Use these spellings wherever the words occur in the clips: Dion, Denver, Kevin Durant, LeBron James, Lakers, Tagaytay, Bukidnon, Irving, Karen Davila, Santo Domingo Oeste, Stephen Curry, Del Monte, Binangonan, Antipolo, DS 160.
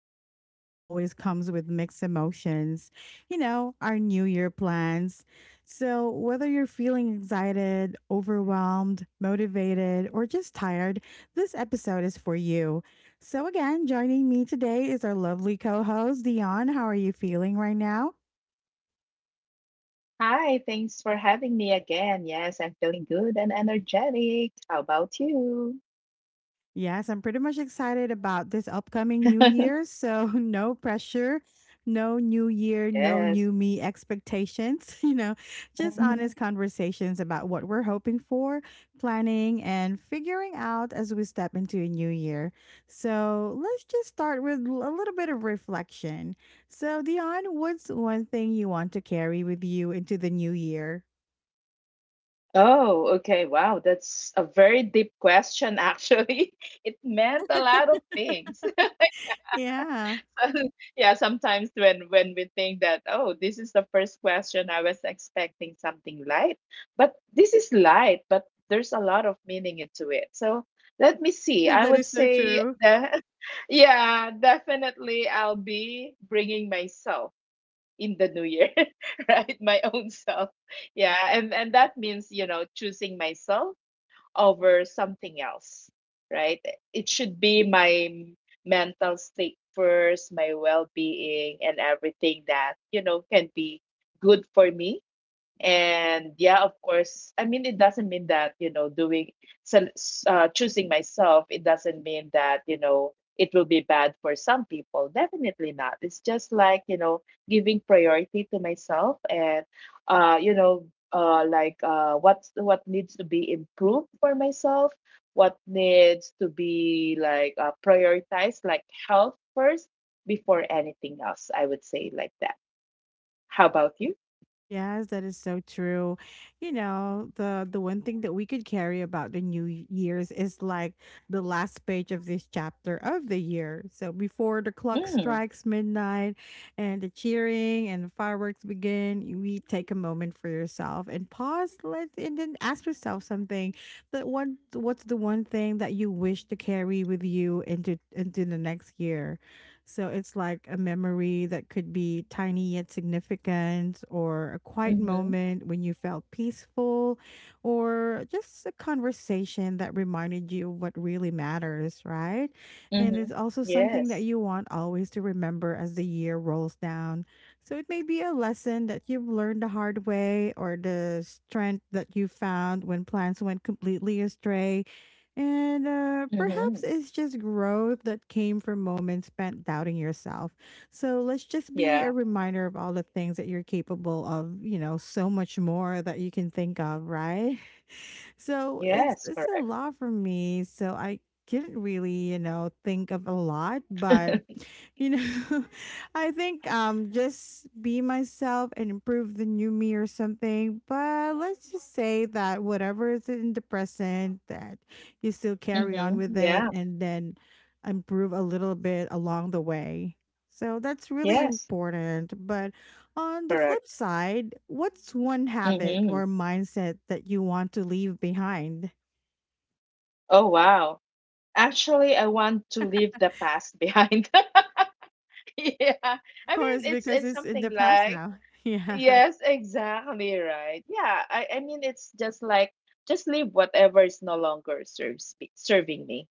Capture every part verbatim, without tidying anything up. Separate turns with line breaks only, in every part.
something that always comes with mixed emotions, you know, our New Year plans. So, whether you're feeling excited, overwhelmed, motivated, or just tired, this episode is for you. So, again, joining me today is our lovely co host, Dion. How are you feeling right now?
Hi, thanks for having me again. Yes, I'm feeling good and energetic. How about you?
Yes, I'm pretty much excited about this upcoming New Year. So, no pressure, no New Year, no
Yes.
new me expectations. You know, just honest
Mhm.
conversations about what we're hoping for, planning, and figuring out as we step into a new year. So, let's just start with l- a little bit of reflection. So, Dion, what's one thing you want to carry with you into the new year?
Oh, okay. Wow, that's a very deep question, actually. It meant a lot of things.
Yeah,
Yeah, sometimes when when we think that, oh, this is the first question. I was expecting something light, but this is light, but there's a lot of meaning into it. So let me see. I
that
would
is so
say
true.
that, yeah, definitely I'll be bringing myself in the new year. Right, my own self. Yeah, and and that means, you know, choosing myself over something else, right? It should be my mental state first, my well being, and everything that, you know, can be good for me. And yeah, of course, I mean, it doesn't mean that, you know, doing, so, s- uh, choosing myself, it doesn't mean that, you know, it will be bad for some people. Definitely not. It's just like, you know, giving priority to myself, and, uh, you know, uh, like uh, what's what needs to be improved for myself, what needs to be like, uh, prioritized, like health first before anything else. I would say like that. How about you?
Yes, that is so true. You know, the the one thing that we could carry about the new y- years is like the last page of this chapter of the year. So before the clock
Mm,
strikes midnight and the cheering and the fireworks begin, you- we take a moment for yourself and pause, let and then ask yourself something, that one, what's the one thing that you wish to carry with you into into the next year? So it's like a memory that could be tiny yet significant, or a quiet
mm-hmm.
moment when you felt peaceful, or just a conversation that reminded you of what really matters, right? And
Mhm.
it's also something
Yes.
that you want always to remember as the year rolls down. So it may be a lesson that you've learned the hard way, or the strength that you found when plans went completely astray, and uh, perhaps
Mhm.
it's just growth that came from moments spent doubting yourself. So let's just be
Yeah.
a reminder of all the things that you're capable of, you know, so much more that you can think of, right? So
Yes,
it's it's
correct.
a lot for me. So I couldn't really, you know, think of a lot, but you know. I think um just be myself and improve the new me or something, but let's just say that whatever is in the present, that you still carry on
Mhm.
with it,
Yeah.
and then improve a little bit along the way. So that's really
Yes,
important, but on the
correct.
flip side, what's one habit
Mhm.
or mindset that you want to leave behind? Of
Oh, wow. Actually, I want to leave the past behind. Yeah. I mean,
course,
it's
because
it's
it's in
something
the past
like...
now. Yeah,
Yes, exactly right. Yeah, I I mean, it's just like, just leave whatever is no longer serves me, serving me,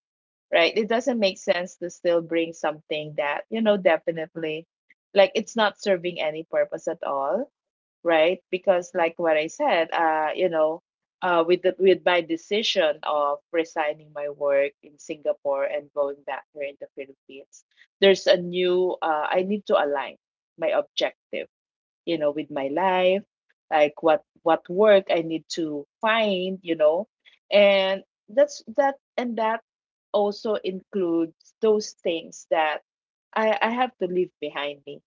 right? It doesn't make sense to still bring something that, you know, definitely, like, it's not serving any purpose at all, right? Because, like what I said, uh, you know, uh, with the, with my decision of resigning my work in Singapore and going back here in the Philippines, there's a new... Uh, I need to align my objective, you know, with my life, like what what work I need to find, you know, and that's that and that also includes those things that I I have to leave behind me.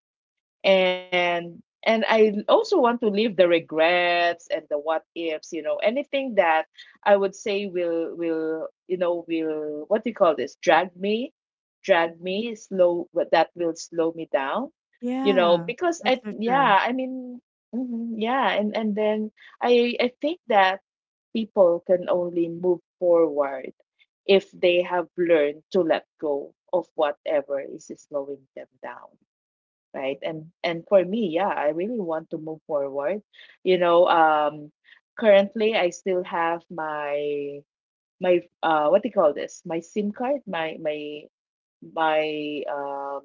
And and I also want to leave the regrets and the what ifs, you know, anything that I would say will will you know, will, what do you call this, drag me, drag me slow what that will slow me down, you know,
yeah,
because,
that's
I
so
yeah,
true.
I mean... Mhm, yeah. And and then i i think that people can only move forward if they have learned to let go of whatever is slowing them down, right? And and for me, yeah, I really want to move forward, you know. Um, currently I still have my my uh what do you call this, my SIM card, my my my um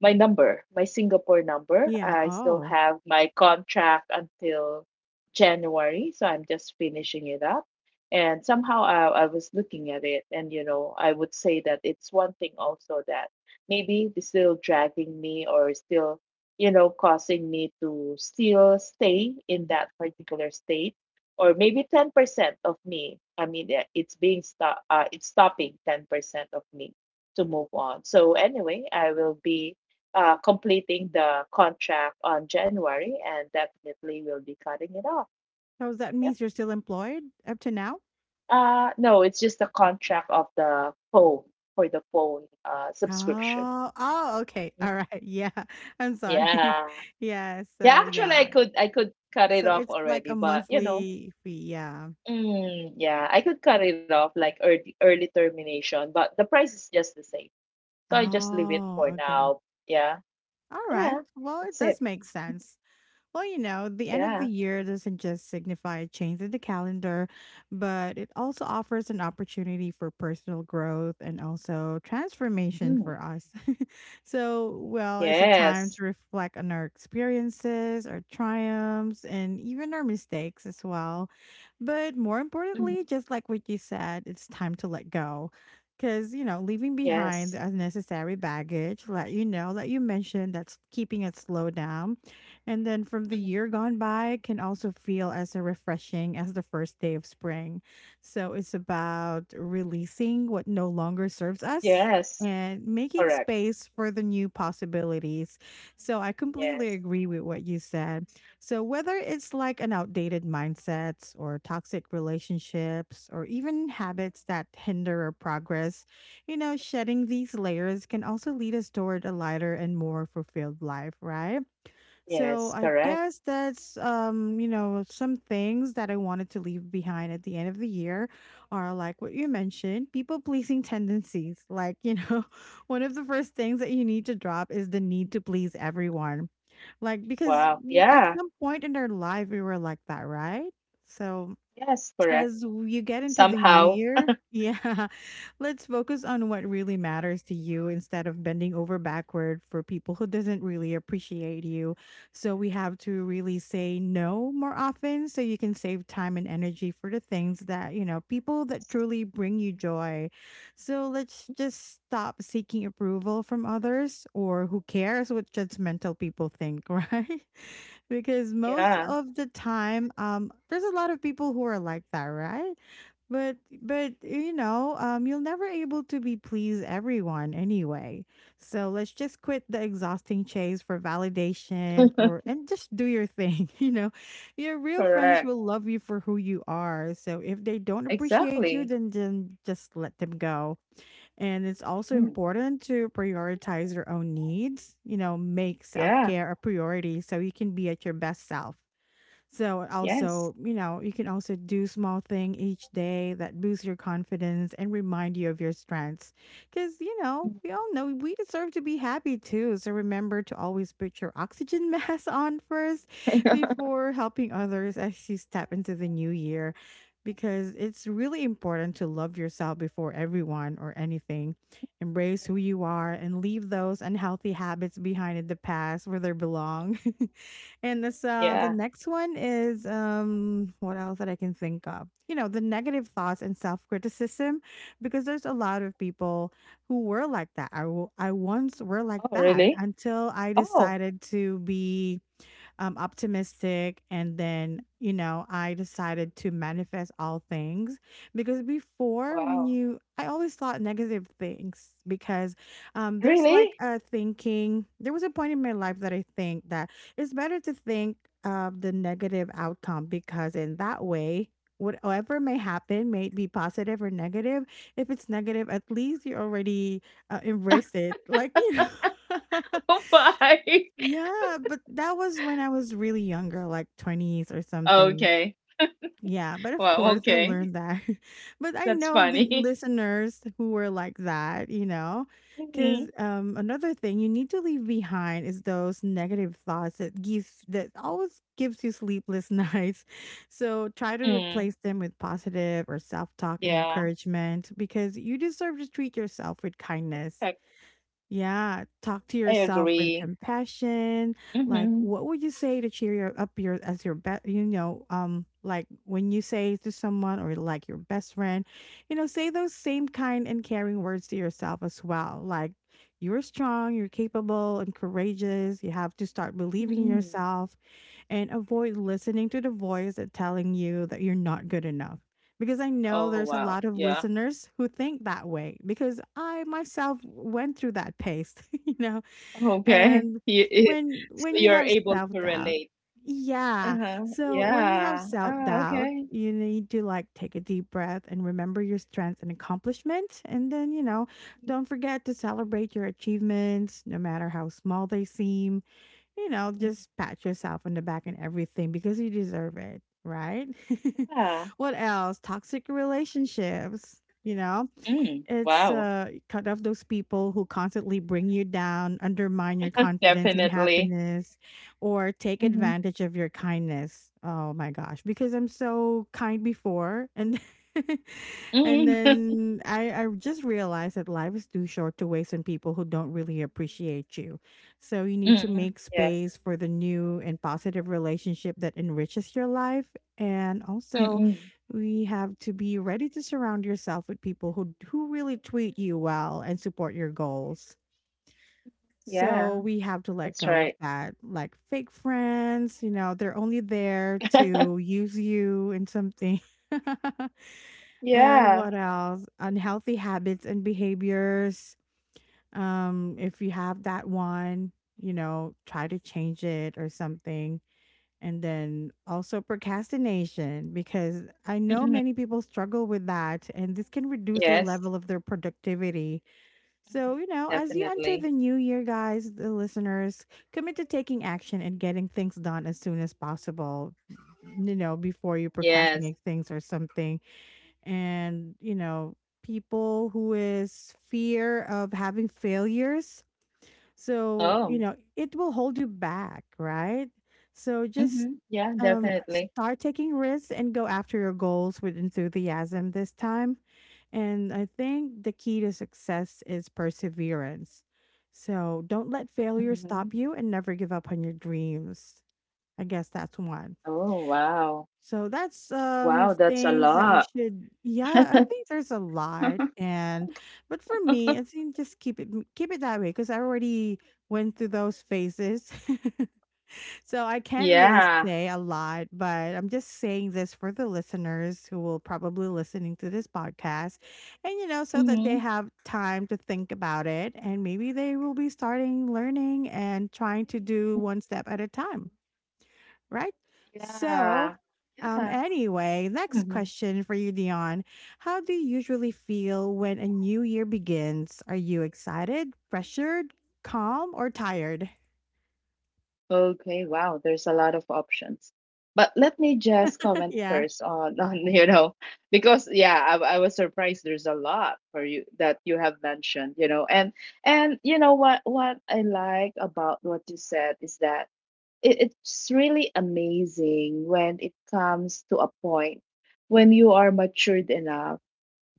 my number, my Singapore number.
Yeah,
I still
oh.
have my contract until January, so I'm just finishing it up. And somehow I, I was looking at it, and you know, I would say that it's one thing also that maybe they're still dragging me, or still, you know, causing me to still stay in that particular state, or maybe ten percent of me. I mean, eh, it's being stop, uh, it's stopping ten percent of me to move on. So anyway, I will be uh, completing the contract on January and definitely will be cutting it off.
So that
Yep.
means you're still employed up to now?
Uh, no, it's just the contract of the phone, for the phone uh, subscription.
Oh, oh, okay.
Mm,
Alright. Yeah. I'm sorry.
yeah.
Yeah,
Yeah,
so
actually I
yeah.
could I could cut it
So
off
it's like a
already, but you know,
monthly fee, yeah.
mm, yeah, I could cut it off like early early termination, but the price is just the same. So I just leave it
Oh,
for
okay.
now. Yeah.
Alright.
Yeah.
Well, it
That's
does
it.
make sense. Well, you know, the end of the
Yeah.
year doesn't just signify a change in the calendar, but it also offers an opportunity for personal growth and also transformation
Mm,
for us. So, well, it's a time
yes.
to reflect on our experiences, our triumphs, and even our mistakes as well. But more
Mhm.
importantly, just like what you said, it's time to let go. Because, you know, leaving behind
Yes.
the unnecessary baggage, let you know, that you mentioned, that's keeping it slowed down and then from the year gone by can also feel as a refreshing as the first day of spring. So it's about releasing what no longer serves us
Yes,
and making
correct.
space for the new possibilities. So I completely
Yes,
agree with what you said. So whether it's like an outdated mindsets or toxic relationships or even habits that hinder our progress, you know, shedding these layers can also lead us toward a lighter and more fulfilled life, right? So
yes,
I
correct.
guess that's, um you know, some things that I wanted to leave behind at the end of the year are like what you mentioned, people pleasing tendencies, like, you know, one of the first things that you need to drop is the need to please everyone, like, because
Wow.
w- at
Yeah,
some point in our life we were like that, right? So
yes, correct.
as you get into the new
Somehow.
year, yeah, let's focus on what really matters to you instead of bending over backward for people who doesn't really appreciate you. So we have to really say no more often so you can save time and energy for the things that, you know, people that truly bring you joy. So let's just stop seeking approval from others, or who cares what judgmental people think, right? Because most
Yeah,
of the time, um there's a lot of people who are like that, right? but but you know, um you'll never able to be please everyone anyway, so let's just quit the exhausting chase for validation, or and just do your thing. You know, your real friends
correct.
will love you for who you are, so if they don't appreciate you,
Exactly.
then then just let them go. And it's also
Mm,
important to prioritize your own needs, you know, make self
yeah,
care a priority so you can be at your best self. So
yes.
also, you know, you can also do small thing each day that boosts your confidence and remind you of your strengths. Cuz you know, we all know we deserve to be happy too. So remember to always put your oxygen mask on first before helping others as you step into the new year, because it's really important to love yourself before everyone or anything. Embrace who you are and leave those unhealthy habits behind in the past where they belong. And this, uh the
Yeah.
next one is, um what else that I can think of? You know, the negative thoughts and self-criticism, because there's a lot of people who were like that. I w- I once were like
Oh,
that
really?
until I
Oh,
decided to be um, optimistic. And then, you know, I decided to manifest all things, because before,
wow.
when you, I always thought negative things because, um, there's
Really?
like a thinking, there was a point in my life that I think that it's better to think of the negative outcome, because in that way, whatever may happen, may it be positive or negative, if it's negative, at least you already, uh, embrace it, like you know.
Why?
Yeah, but that was when I was really younger, like twenties or something.
Okay.
Yeah, but of
Wow,
course I
okay.
learned that. But I
That's
know the
funny.
listeners who were like that, you know, because,
Mm-hmm.
um, another thing you need to leave behind is those negative thoughts that gives that always gives you sleepless nights. So try to
Mm,
replace them with positive or self talk and
yeah,
encouragement because you deserve to treat yourself with kindness.
I,
Yeah, talk to
I
yourself with
agree.
compassion. Like,
Mm-hmm.
what would you say to cheer you up your as your best? You know, um, like when you say to someone or like your best friend, you know, say those same kind and caring words to yourself as well. Like, you're strong, you're capable and courageous. You have to start believing in
Mm-hmm.
yourself and avoid listening to the voice that telling you that you're not good enough. Because I
Oh,
know there's a
wow.
lot of
Yeah.
listeners who think that way because I myself went through that pace, you know.
Okay.
And
You, you-
when
so
when you
you're
have
able to
self-doubt,
relate.
yeah.
Uh-huh.
So when you have
Yeah. Ah,
self-doubt,
okay.
you need to like take a deep breath and remember your strengths and accomplishment, and then, you know, don't forget to celebrate your achievements no matter how small they seem. You know,
Mhm.
just pat yourself on the back and everything because you deserve it, right?
Yeah.
What else? Toxic relationships, you know?
Mm.
It's,
Wow.
uh, cut off those people who constantly bring you down, undermine your confidence and
Definitely.
happiness, or take
Mm-hmm.
advantage of your kindness. Oh my gosh, because I'm so kind before, and and
Mm.
then I I just realized that life is too short to waste on people who don't really appreciate you. So you need to
Mm-mm.
make
Yes.
space for the new and positive relationship that enriches your life, and also
Mm-mm.
we have to be ready to surround yourself with people who who really treat you well and support your goals.
Yeah,
So we have to let
that's
go
right.
of that like fake friends, you know, they're only there to use you in something. And
Yeah.
what else? Unhealthy habits and behaviors. Um if you have that one, you know, try to change it or something, and then also procrastination, because I know
Mhm.
many people struggle with that, and this can reduce their
Yes.
level of their productivity. So,
Mhm.
you know, as you enter the
Definitely.
new year, guys, the listeners, commit to taking action and getting things done as soon as possible, you know, before you
Yes.
procrastinate things or something. And, you know, people who is fear of having failures, so, you
Oh.
know, it will hold you back, right? So just,
Mm-hmm. Yeah,
um,
definitely.
start taking risks and go after your goals with enthusiasm this time. And I think the key to success is perseverance. So don't let failure
Mm-hmm.
stop you and never give up on your dreams. I guess that's one.
Oh, wow.
So that's um
Wow, that's a
things that you
lot.
should, yeah, I think there's a lot. And but for me, I think just keep it keep it that way because I already went through those phases. So I can't really
Yeah.
say a lot, but I'm just saying this for the listeners who will probably listening to this podcast and you know, so that they
Mm-hmm.
have time to think about it and maybe they will be starting learning and trying to do one step at a time, right?
Yeah.
So, um,
Yeah.
anyway, next
Mhm.
question for you, Dion. How do you usually feel when a new year begins? Are you excited, pressured, calm, or tired?
Okay, wow, there's a lot of options. But let me just comment
Yeah,
first on, on, you know, because yeah, I, I was surprised there's a lot for you that you have mentioned, you know. And and you know what what I like about what you said is that it, it's really amazing when it comes to a point when you are matured enough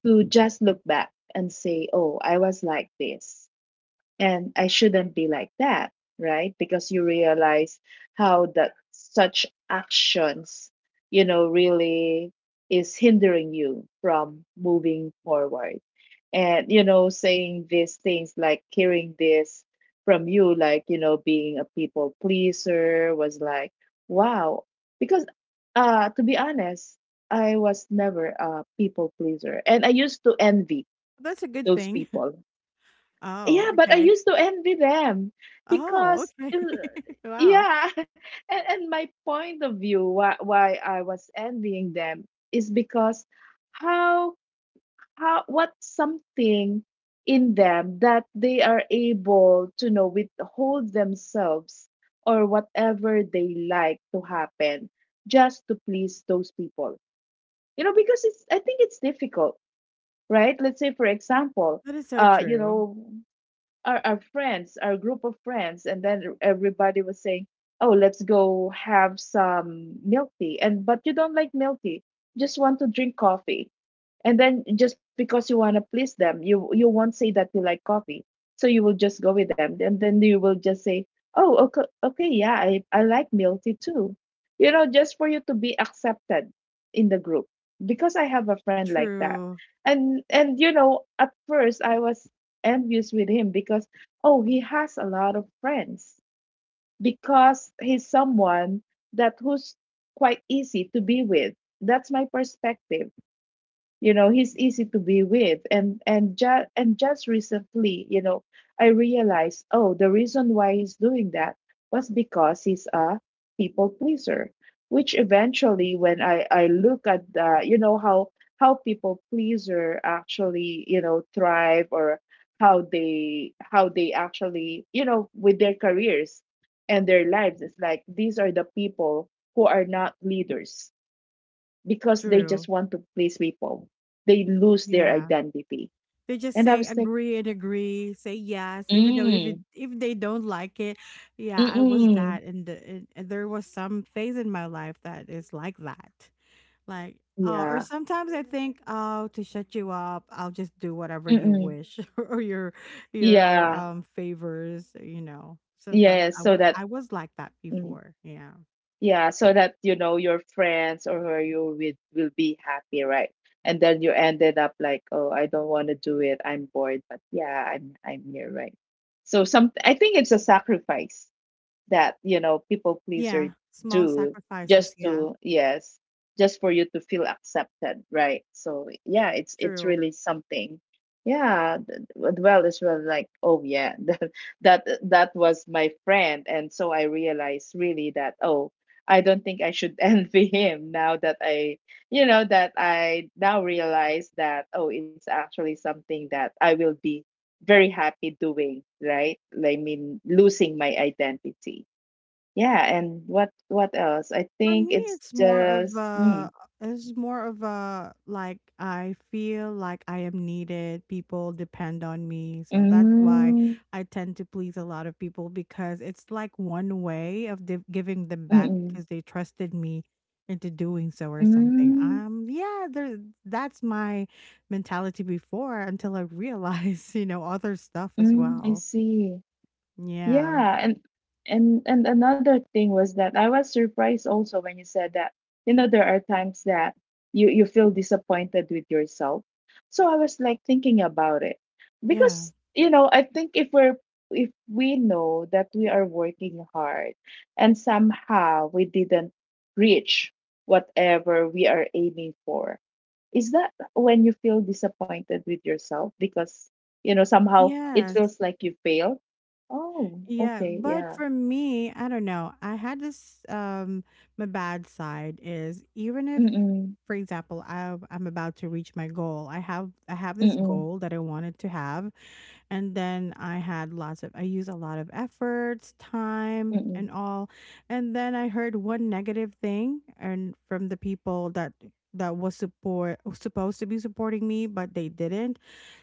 to just look back and say, "Oh, I was like this." And I shouldn't be like that, right? Because you realize how that such actions, you know, really is hindering you from moving forward. And, you know, saying these things, like hearing this from you, like, you know, being a people pleaser, was like, wow. Because, uh, to be honest, I was never a people pleaser. And I used to envy
that's a good
those
thing.
people.
Oh,
Yeah, but I
okay.
used to envy them
Oh,
because,
okay.
uh,
Wow.
yeah, and, and my point of view why why I was envying them is because how how, what, something in them, that they are able to, you know, withhold themselves or whatever they like to happen, just to please those people. You know, because it's, I think it's difficult, right? Let's say, for example,
That is so
uh, you
true.
know, our, our friends, our group of friends, and then everybody was saying, "Oh, let's go have some milk tea." And but you don't like milk tea, just want to drink coffee, and then just because you want to please them, you you won't say that you like coffee, so you will just go with them and then you will just say, "Oh, okay, okay, yeah, I, I like milk tea too," you know, just for you to be accepted in the group. Because i have a friend like that.
True.
And and you know, at first i was envious with him because, oh, he has a lot of friends, because he's someone that who's quite easy to be with. That's my perspective. You know, he's easy to be with, and and just and just recently, you know, i realized, oh, the reason why he's doing that was because he's a people pleaser, which eventually, when i i look at, the you know, how how people pleaser actually, you know, thrive, or how they how they actually, you know, with their careers and their lives, it's like these are the people who are not leaders, because they
True.
just want to please people. They lose their
Yeah.
identity.
They just
And I
say
was like...
agree and agree, say yes, even though if it
Mm.
if they don't like it, yeah, I was
Mm-mm.
that, and, the, and and there was some phase in my life that is like that, like uh, or
Yeah.
sometimes I think, oh, to shut you up, I'll just do whatever you
Mm-mm.
wish or your your
yeah,
um favors, you know. Sometimes
yeah,
I
so
wa-
that,
I was like that
mm,
before, yeah,
yeah, so that, you know, your friends or who you're with will be happy, right? And then you ended up like, oh, I don't want to do it. I'm bored, but yeah, I'm I'm here, right? So some, I think it's a sacrifice that, you know, people
yeah,
pleaser
small
do,
sacrifices,
just
yeah,
to... yes, just for you to feel accepted, right? So yeah, it's it's
true.
really something. Yeah, th- th- well, it's, well, like, oh yeah, that that that was my friend. And so i realized really that, oh, i don't think I should envy him now that i, you know, that i now realize that, oh, it's actually something that I will be very happy doing, right? I mean, losing my identity. Yeah, and what what else? I
For
think
me,
it's
it's more of
just mm,
a, it's more of a like I feel like I am needed. People depend on me. So that's why
mm,
I tend to please a lot of people because it's like one way of div- giving them back
mm,
because they trusted me into doing so or
mm,
something.
mm,
Um yeah, there, that's my mentality before until I realize, you know, other stuff as
mm, I
well.
see.
Yeah.
Yeah, and and and another thing was that I was surprised also when you said that, you know, there are times that you you feel disappointed with yourself. So I was like thinking about it,
Yeah.
because, you know, I think if we're if we know that we are working hard and somehow we didn't reach whatever we are aiming for, is that when you feel disappointed with yourself, because, you know, somehow it
Yes.
feels like you failed? Oh,
Yeah,
okay,
but
yeah.
for me, I don't know. I had this um my bad side is even if,
Mm-mm,
for example, I I'm about to reach my goal. I have I have this
mm-mm,
goal that I wanted to have and then I had lots of, I used a lot of efforts, time, and
mm-mm,
all. And then I heard one negative thing and from the people that that was support supposed to be supporting me but they didn't,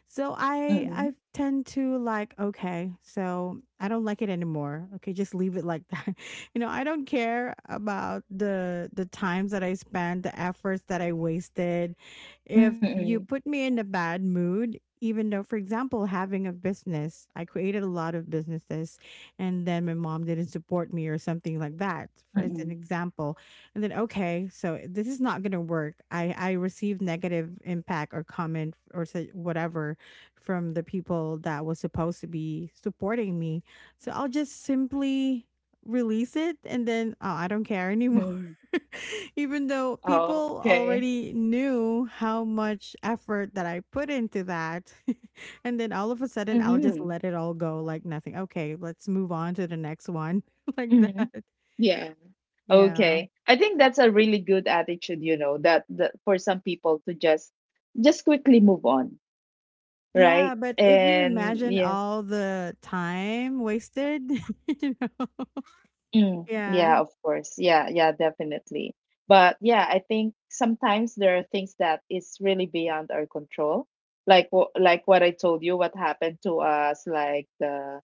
so i
mm-mm,
i tend to like, okay, so I don't like it anymore, okay, just leave it like that. You know, I don't care about the the times that I spent, the efforts that I wasted, if
mm-mm,
you put me in a bad mood, even though, for example, having a business, I created a lot of businesses and then my mom didn't support me or something like that, for as an
mm-mm,
example. And then, okay, so this is not going to work. I, I received negative impact or comment or su- whatever from the people that was supposed to be supporting me. So I'll just simply release it and then, oh, I don't care anymore.
mm-mm.
Even though
Oh,
people
okay.
already knew how much effort that I put into that. And then all of a sudden, I'll just
Mm-mm,
let it all go like nothing. Okay, let's move on to the next one. Like
mm-mm,
that.
yeah.
Yeah.
Okay, I think that's a really good attitude, you know, that, that for some people to just just quickly move on, right?
Yeah, but if you
And
imagine
yes,
all the time wasted, you know.
mm,
Yeah,
yeah, of course. Yeah, yeah, definitely. But yeah, I think sometimes there are things that is really beyond our control. Like wh- like what I told you, what happened to us, like the,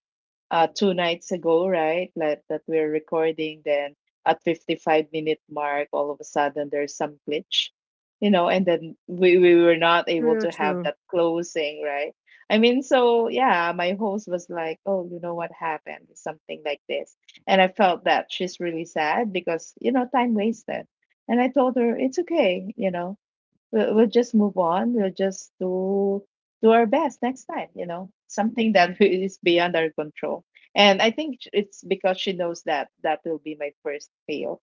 uh, two nights ago, right? Like that we're recording. Then at fifty-five minute mark, all of a sudden there's some glitch, you know, and then we, we were not able
true,
to have
true.
that closing, right? I mean, so yeah, my host was like, oh, you know what happened? Something like this. And I felt that she's really sad because, you know, time wasted. And I told her, it's okay, you know, we'll, we'll just move on. We'll just do do our best next time. You know, something that is beyond our control. And I think it's because she knows that that will be my first fail.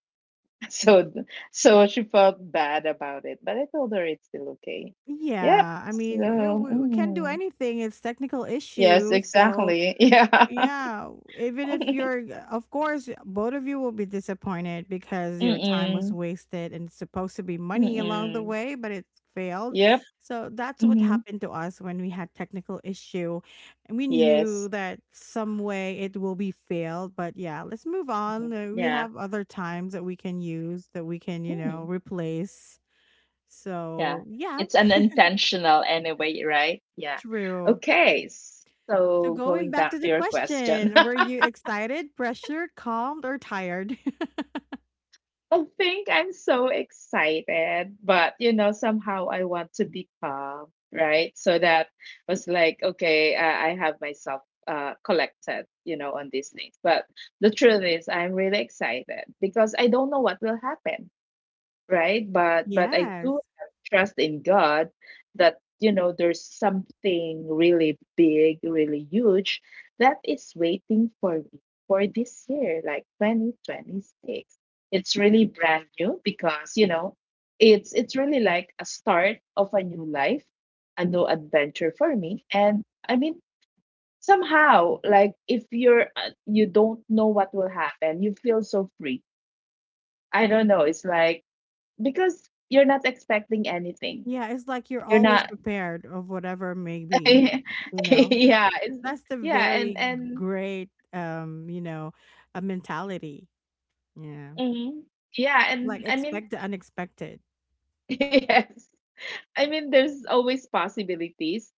So so she felt bad about it. But I told her it's still okay. Yep.
Yeah, I mean, you know,
So
we, we can't do
mm,
anything. It's technical
yes,
issue, so
exactly. Yeah.
yeah, even if you're, of course, both of you will be disappointed because your time was
Mm-mm.
wasted and it's supposed to be money along the
Mm-mm.
way, but it failed.
Yep.
So that's what
Mm-hmm.
happened to us when we had technical issue. And we knew
Yes.
that some way it will be failed, but yeah, let's move
Hmm.
on. Uh, We
Yeah.
have other times that we can use, that we can, you
Mm.
know, replace.
Yeah.
So yeah,
It's an intentional anyway, right? Yeah.
true.
Okay.
So
So
going
going
back
back
to
to
the
your question,
question, were you excited, pressured, calmed, or tired?
I think I'm so excited, but you know, somehow I want to be calm, right? So that was like, okay, I, I have myself uh, collected, you know, on these things. But the truth is, I'm really excited because I don't know what will happen, right? But but I
Yes.
do have trust in God that you know there's something really big, really huge that is waiting for me for this year, like twenty twenty-six. It's really brand new because you know it's it's really like a start of a new life, a new adventure for me. And I mean somehow like if you're uh, you don't know what will happen, you feel so free. I don't know. It's like because you're not expecting anything.
Yeah, it's like you're
You're
always
not.
prepared of whatever it may be,
Yeah,
you know.
it's
That's the
yeah, and
very
and
great um, you know, a mentality. Yeah.
mhm. Yeah, and
Like
I mean
expect the unexpected.
yes. I mean there's always possibilities.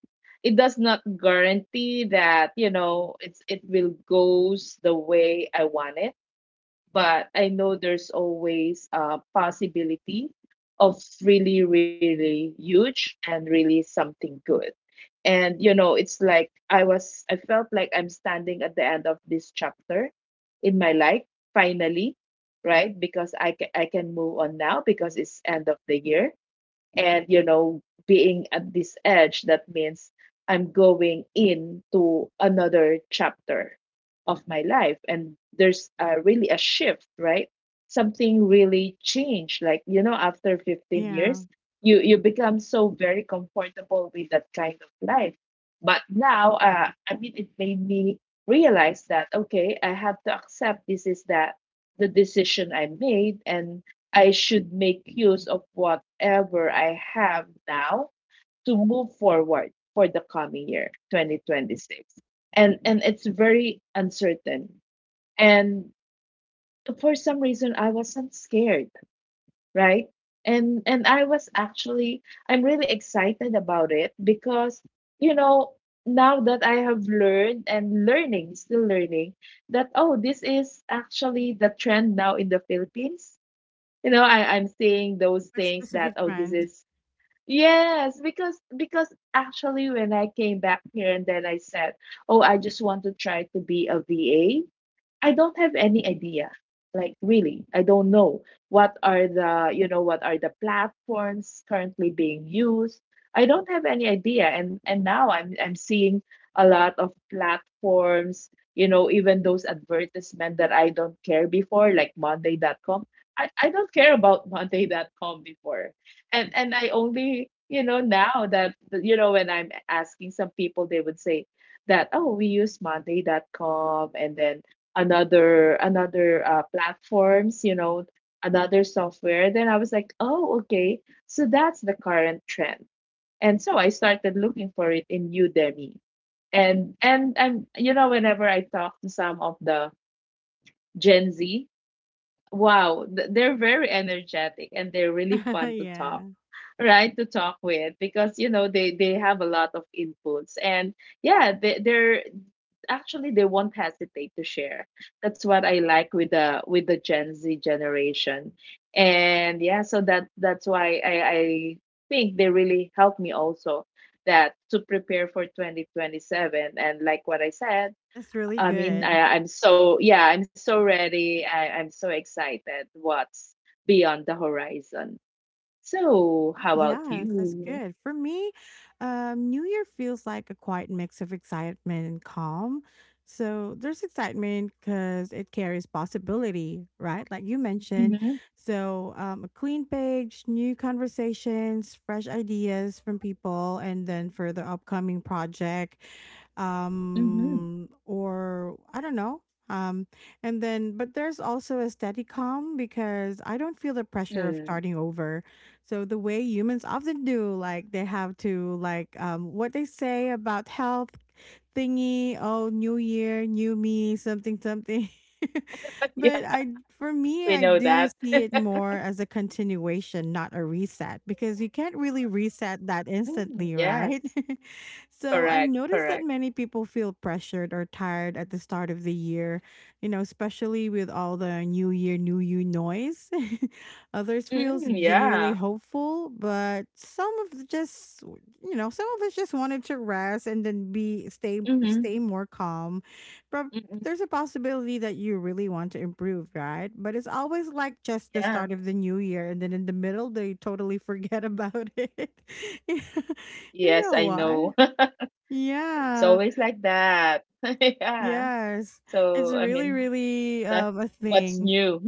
It does not guarantee that, you know, it's it will goes the way I want it, but I know there's always a possibility of really, really huge and really something good. And you know it's like I was I felt like I'm standing at the end of this chapter in my life, finally, right? Because i ca- I can move on now because it's end of the year. And you know being at this edge that means I'm going into another chapter of my life, and there's uh, really a shift, right? Something really changed, like you know, after fifteen
Yeah.
years you you become so very comfortable with that kind of life. But now uh, I mean it made me realize that okay, I have to accept this is that the decision I made, and I should make use of whatever I have now to move forward for the coming year, twenty twenty-six. And and it's very uncertain. And for some reason I wasn't scared, right? And and I was actually, I'm really excited about it because you know now that I have learned and learning, still learning, that oh, this is actually the trend now in the Philippines. You know I, i'm seeing those
But
things that
specific
oh this
trend.
is, yes, because because actually when I came back here and then I said, oh I just want to try to be a va. I don't have any idea. Like really, I don't know what are the, you know, what are the platforms currently being used. I don't have any idea. And and now I'm I'm seeing a lot of platforms, you know, even those advertisement that I don't care before, like Monday dot com. I, I don't care about Monday dot com before. And and I only, you know, now that you know, when I'm asking some people, they would say, that oh we use Monday dot com, and then another another uh, platforms, you know, another software. Then I was like oh okay, so that's the current trend. And so I started looking for it in Udemy. And and I'm you know whenever I talk to some of the Gen Z, wow, th- they're very energetic and they're really fun to talk,
Yeah.
right, to talk with because you know they they have a lot of inputs. And yeah, they, they're actually, they won't hesitate to share. That's what I like with the with the Gen Z generation. And yeah, so that that's why i i think they really helped me also, that, to prepare for twenty twenty-seven. And like what I said,
That's really
I mean
good.
I, i'm so, yeah, I'm so ready, I, i'm so excited what's beyond the horizon. So how about
Yes, that's
you?
good. For me, um, New Year feels like a quiet mix of excitement and calm. So there's excitement because it carries possibility, right? Like you mentioned.
Mm-hmm,
So um, a clean page, new conversations, fresh ideas from people, and then for the upcoming project,
mm-hmm,
um, or I don't know. Um, and then, but there's also a steady calm because I don't feel the pressure of
mm.
starting over, so the way humans often do, like they have to like um what they say about health thingy, oh new year, new me, something something. But
Yeah.
I, for me,
We
I
know
do
that.
see it more as a continuation, not a reset, because you can't really reset that
Mm,
instantly, right?
yes.
So I
Correct,
noticed that
correct.
many people feel pressured or tired at the start of the year, you know, especially with all the new year, new you noise. Others feels
Mm,
genuinely
yeah.
hopeful, but some of just, you know, some of us just wanted to rest and then be stay stay
Mm-hmm.
more calm. But there's
Mm-mm,
a possibility that you really want to improve, right? But it's always like just the start of
yeah.
the new year and then in the middle they totally forget about it. You
Yes,
know
I
why?
know. It's
Yeah.
always like that. Yeah.
Yes. It's
So, I
really,
mean,
really
that's
um a
what's
thing.
new.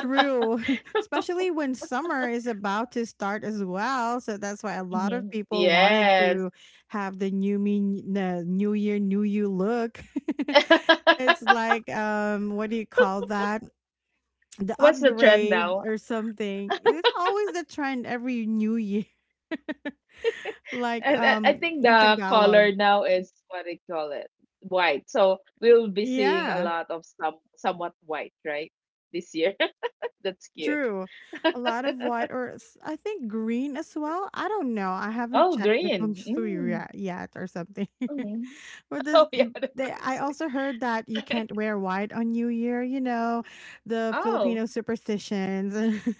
True, especially when summer is about to start as well. So that's why a lot of
Hmm.
people wanted
Yes.
to have the new me, the new year, new you look. It's like, um, what do you call that? The
What's the trend
upgrade
now?
or something. It's always the trend every new year, like
And I, I
um
think
in
the
Tagalog.
color now is what they call it, white. So we'll be seeing a
Yeah.
lot of some somewhat white, right? This year. That's cute.
True. A lot of white or s- I think green as well. I don't know. I haven't
Oh,
checked the feng
green.
shui
Mm.
yet, yet or something.
Mm.
But this,
Oh yeah, that's
they,
what I
I also heard that you
say.
can't wear white on New Year, you know, the
Oh,
Filipino superstitions.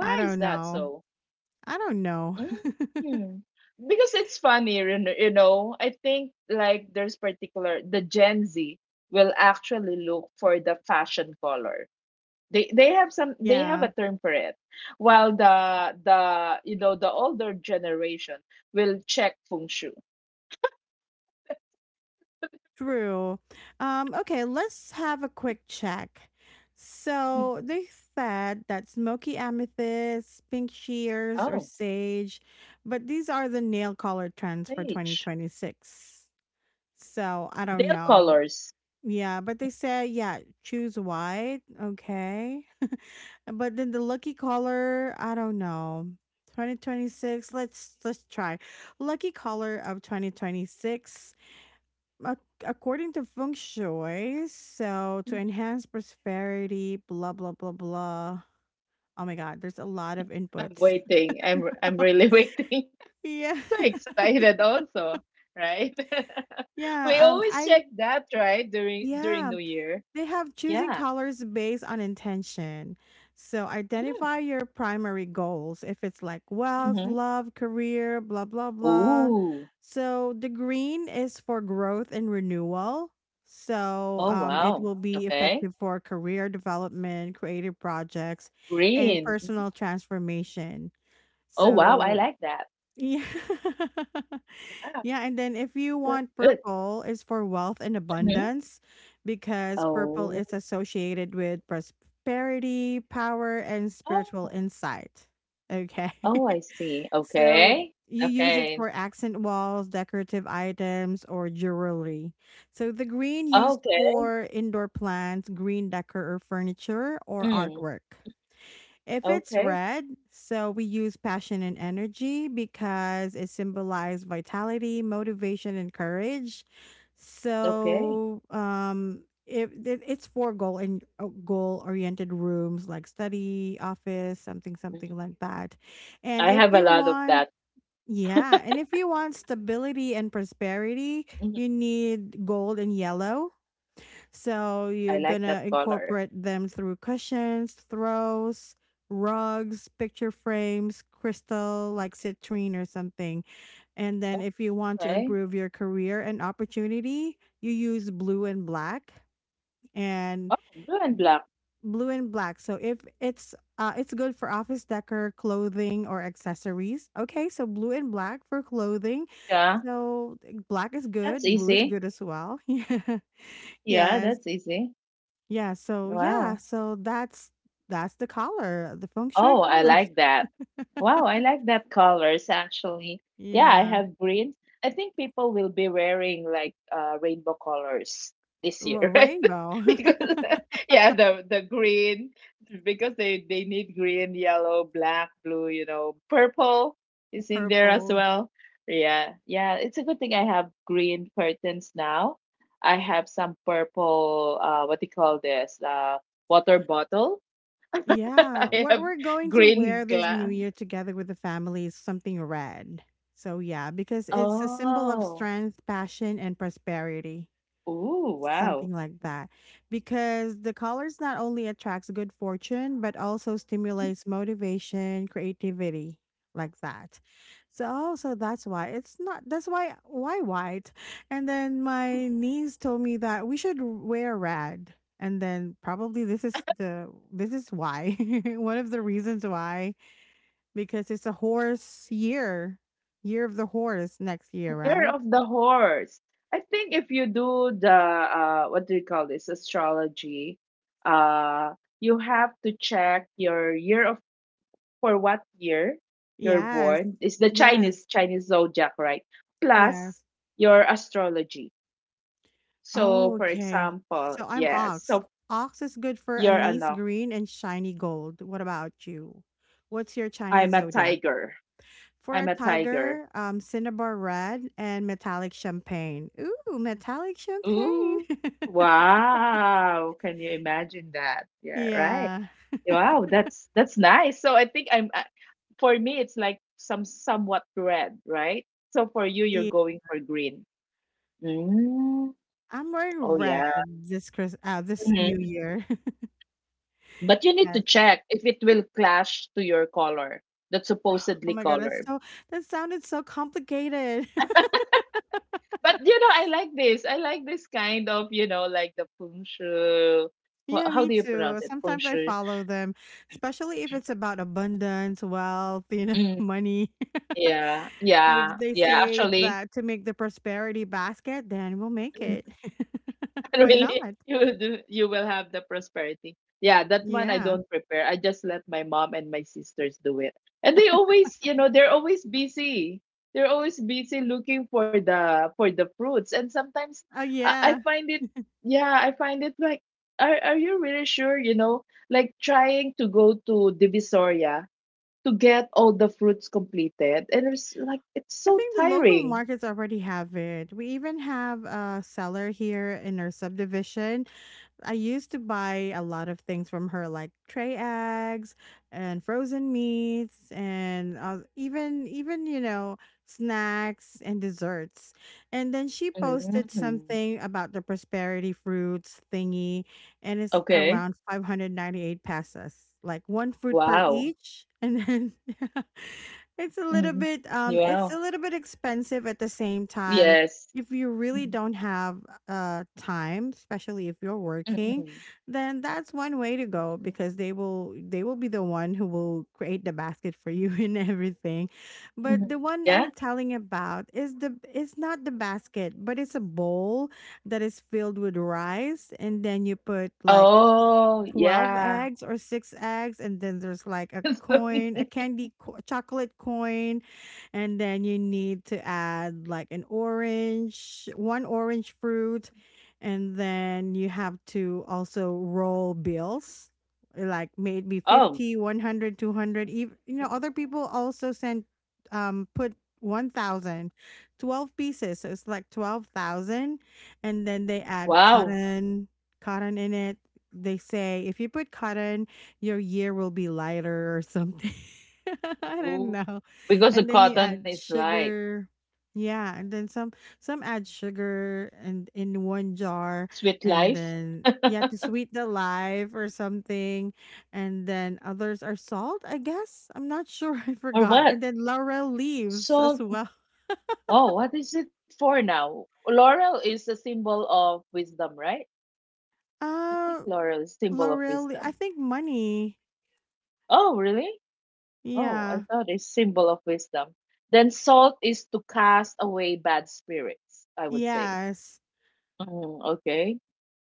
I
is
don't
that
know.
so?
I don't know.
Mm. Because it's funny, you kn- you know. I think like there's particular the Gen Z will actually look for the fashion color. They they have some, they have a
Yeah.
term for it. While the the you know the older generation will check feng shui.
True. Um, okay, let's have a quick check.
Mm.
So they said that smoky amethyst, pink shears, or
Oh,
sage, but these are the nail color trends for
sage.
twenty twenty-six. So I don't
Nail
know.
colors.
Yeah, but they said, yeah, choose white. Okay. But then the lucky color, I don't know. twenty twenty-six, let's let's try. Lucky color of twenty twenty-six, ac- according to feng shui, so to
Mhm.
enhance prosperity, blah blah blah blah. Oh my god, there's a lot of
I'm
inputs.
waiting. I'm I'm really waiting.
Yeah.
So excited also, right? We
Yeah, um
always
I,
check that, right? During
yeah,
during New Year.
they have choosing
Yeah.
colors based on intention. So
Mm.
identify your primary goals. If it's like wealth,
Mm-hmm.
love, career, blah, blah, blah.
Ooh.
So the green is for growth and renewal. So
Oh
um, it
wow.
will be
Okay.
effective for career development, creative projects, and
Green. Mhm.
personal transformation.
Oh wow, I
So,
like that.
yeah.
Wow.
Yeah, and then if you
That's
want
good.
purple, it's for wealth and
Mm-hmm.
abundance because purple
Oh.
is associated with prosperity, power, and spiritual
Oh.
insight. Okay.
Oh, I see.
So
Okay.
you use it
Okay.
for accent walls, decorative items, or jewelry. So the green used
Okay.
for indoor plants, green decor or furniture, or
Mm.
artwork. If it's
Okay.
red, so we use passion and energy because it symbolizes vitality, motivation, and courage.
Okay.
So, um, if it, it's for goal and goal oriented rooms like study, office, something,
Mhm.
something like that. And
I
if
have a
you
lot of
want,
that.
yeah, and if you want stability and prosperity,
Mhm.
you need gold and yellow, so you're
I like
gonna
that color.
incorporate them through cushions, throws, rugs, picture frames, crystal like citrine or something. And then if you want to
Okay.
improve your career and opportunity, you use blue and black
Oh,
and
blue and black.
blue and black. So if it's uh, it's good for office decor, clothing, or accessories. Okay, so blue and black for clothing.
Yeah.
So black is
That's
good, blue is
easy.
good as well.
Yeah,
Yeah. Yes.
that's easy.
Yeah, so yeah,
Wow.
so that's that's the color, the feng shui
Oh, I
color.
like that. Wow, I like that colors actually. Yeah, I
Yeah.
have greens. I think people will be wearing like uh, rainbow colors this
Well,
year, right?
rainbow,
Because yeah, the the green, because they they need green, yellow, black, blue, you know, purple is in there as
purple.
well. Yeah. Yeah, it's a good thing I have green curtains now. I have some purple, uh, what do you call this? Uh, water bottle.
Yeah,
I have
what we're going to
green
wear this new
gland.
year together with the family is something red. So yeah, because it's a symbol of
Oh,
strength, passion, and prosperity.
oh, wow.
Something like that, because the colors not only attracts good fortune but also stimulates motivation creativity, like that. So also that's why it's not, that's why why white, and then my niece told me that we should wear red, and then probably this is the this is why one of the reasons why, because it's a horse year, year of the horse next year,
Year
right?
of the horse. I think if you do the, uh, what do you call this, astrology, uh, you have to check your year of, for what year you're
Yes.
born. It's the
Yes.
Chinese Chinese zodiac, right? Plus
Yes.
your astrology. So,
Oh,
for
okay.
example,
So I'm
yes.
ox.
So
Ox is good for
you're
anise
ano?
green and shiny gold. What about you? What's your
I'm
Chinese
a
zodiac?
tiger.
For
I'm
a
a tiger.
tiger, um, cinnabar red and metallic champagne. Ooh, metallic champagne.
Ooh, wow. Can you imagine that? Yeah, right.
Yeah.
Wow, that's that's nice. So I think I'm uh, for me it's like some somewhat red, right? So for you you're
Yeah.
going for green. Mm.
I'm wearing
Oh
red
yeah.
this Chris uh this New
Mhm.
Year.
But you need to
Yes.
check if it will clash to your color, that
Oh
supposedly
my God, that's
color.
so, that sounded so complicated.
But you know, I like this. I like this kind of, you know, like the feng shui.
Yeah,
wha- How
me
do you
too.
pronounce it? Feng
Sometimes I
shui.
follow them, especially if it's about abundance, wealth, you know,
Mm.
money.
Yeah, yeah,
If they
yeah.
say
Actually,
that to make the prosperity basket, then we'll make it.
and
Why
really
not?
you will do, you will have the prosperity. Yeah, that one I
Yeah.
don't prepare, I just let my mom and my sisters do it. And they always, you know, they're always busy, they're always busy looking for the for the fruits. And sometimes
Oh,
i, I
yeah.
find it, yeah, I find it like, are, are you really sure, you know, like trying to go to Divisoria to get all the fruits completed, and it's like it's
I
so
think the local
tiring.
markets already have it. We even have a seller here in our subdivision. I used to buy a lot of things from her, like tray eggs and frozen meats, and uh, even even you know snacks and desserts. And then she posted
Mm,
something about the prosperity fruits thingy, and it's
okay.
around five hundred ninety eight pesos, like one fruit per
Wow.
each. And then it's a little
Mhm.
bit um, it's a
Wow.
little bit expensive at the same time
Yes.
if you really
Mhm.
don't have uh time, especially if you're working.
Mm-mm.
Then that's one way to go,
Mhm.
because they will they will be the one who will create the basket for you and everything. But
Mhm.
the one I'm
Yeah.
telling about is the it's not the basket, but it's a bowl that is filled with rice. And then you put like
Oh,
twelve
yeah.
eggs or six eggs, and then there's like a coin, a candy co- chocolate coin. And then you need to add like an orange, one orange fruit. And then you have to also roll bills, eh, like maybe
Oh,
fifty, one hundred, two hundred. Even you know other people also sent, um put one thousand, twelve pieces, so it's like twelve thousand. And then they add
wow.
cotton, cotton in it. They say if you put cotton, your year will be lighter or something. I don't
Ooh.
know.
Because the
And then you
cotton
add
is like
sugar. Yeah, and then some some add sugar, and in one jar.
sweet
And
life
then, yeah, to sweet the life or something. And then others are salt, I guess. I'm not sure. I
or
forgot.
what?
And then laurel leaves as
So,
well.
oh, what is it for now? Laurel is a symbol of wisdom, right? I think
Uh
laurel is symbol of
Laurel, I
wisdom.
think, money.
Oh, really? Oh, I
Yeah.
thought it's symbol of wisdom. Then salt is to cast away bad spirits, I would say.
Yes.
Mm, okay.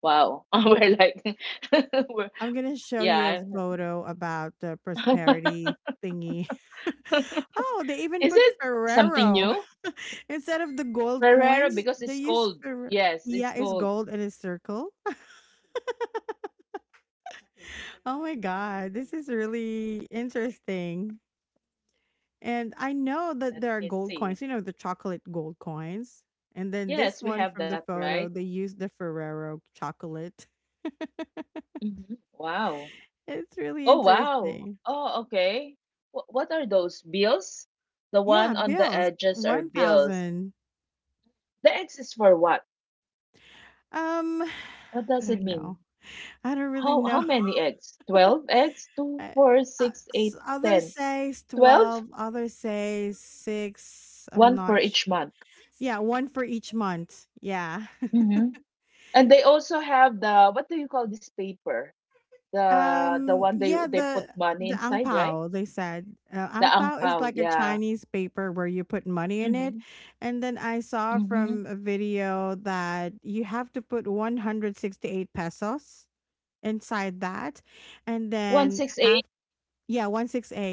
Wow. We're like, we're,
I'm gonna show you a
yeah.
photo about the prosperity thingy. Oh, they even
Is
put
it something
Ferrero
new?
instead of the gold
Ferrero,
coins.
because
They
it's
use
cold.
Ferrero.
Yes, it's
Yeah, it's
cold.
gold and it's circle. Oh my God, this is really interesting. And I know
Let
that there
me
are gold
see.
coins. You know, the chocolate gold coins. And then
Yes,
this
we
one
have
from
that,
the
right?
photo, they use the Ferrero chocolate.
Hmm. Wow.
It's really
Oh, wow.
interesting.
Oh, okay. Wh- what are those? Bills? The
Yeah,
one on the
bills.
edges are bills.
one thousand.
The X is for what?
Um,
What
I
does it
don't
mean?
know. I don't really
How how
know.
many eggs? twelve eggs? two,
I, I- s- Others says
twelve?
twelve, others says six. I'm
One for
not
each
sure.
month.
Yeah, one for each month. Yeah.
Mm-hmm. And they also have the what do you call this paper? The the
Um,
one they
yeah,
they put
the
money
the ang
inside, right?
pao, they said. Uh,
The
ang
ang
pao is
pao,
like a
yeah.
Chinese paper where you put money in it.
Mm-hmm.
And then I saw
Mm-hmm.
from a video that you have to put one hundred sixty-eight pesos inside that. And then
one six eight,
after. Yeah,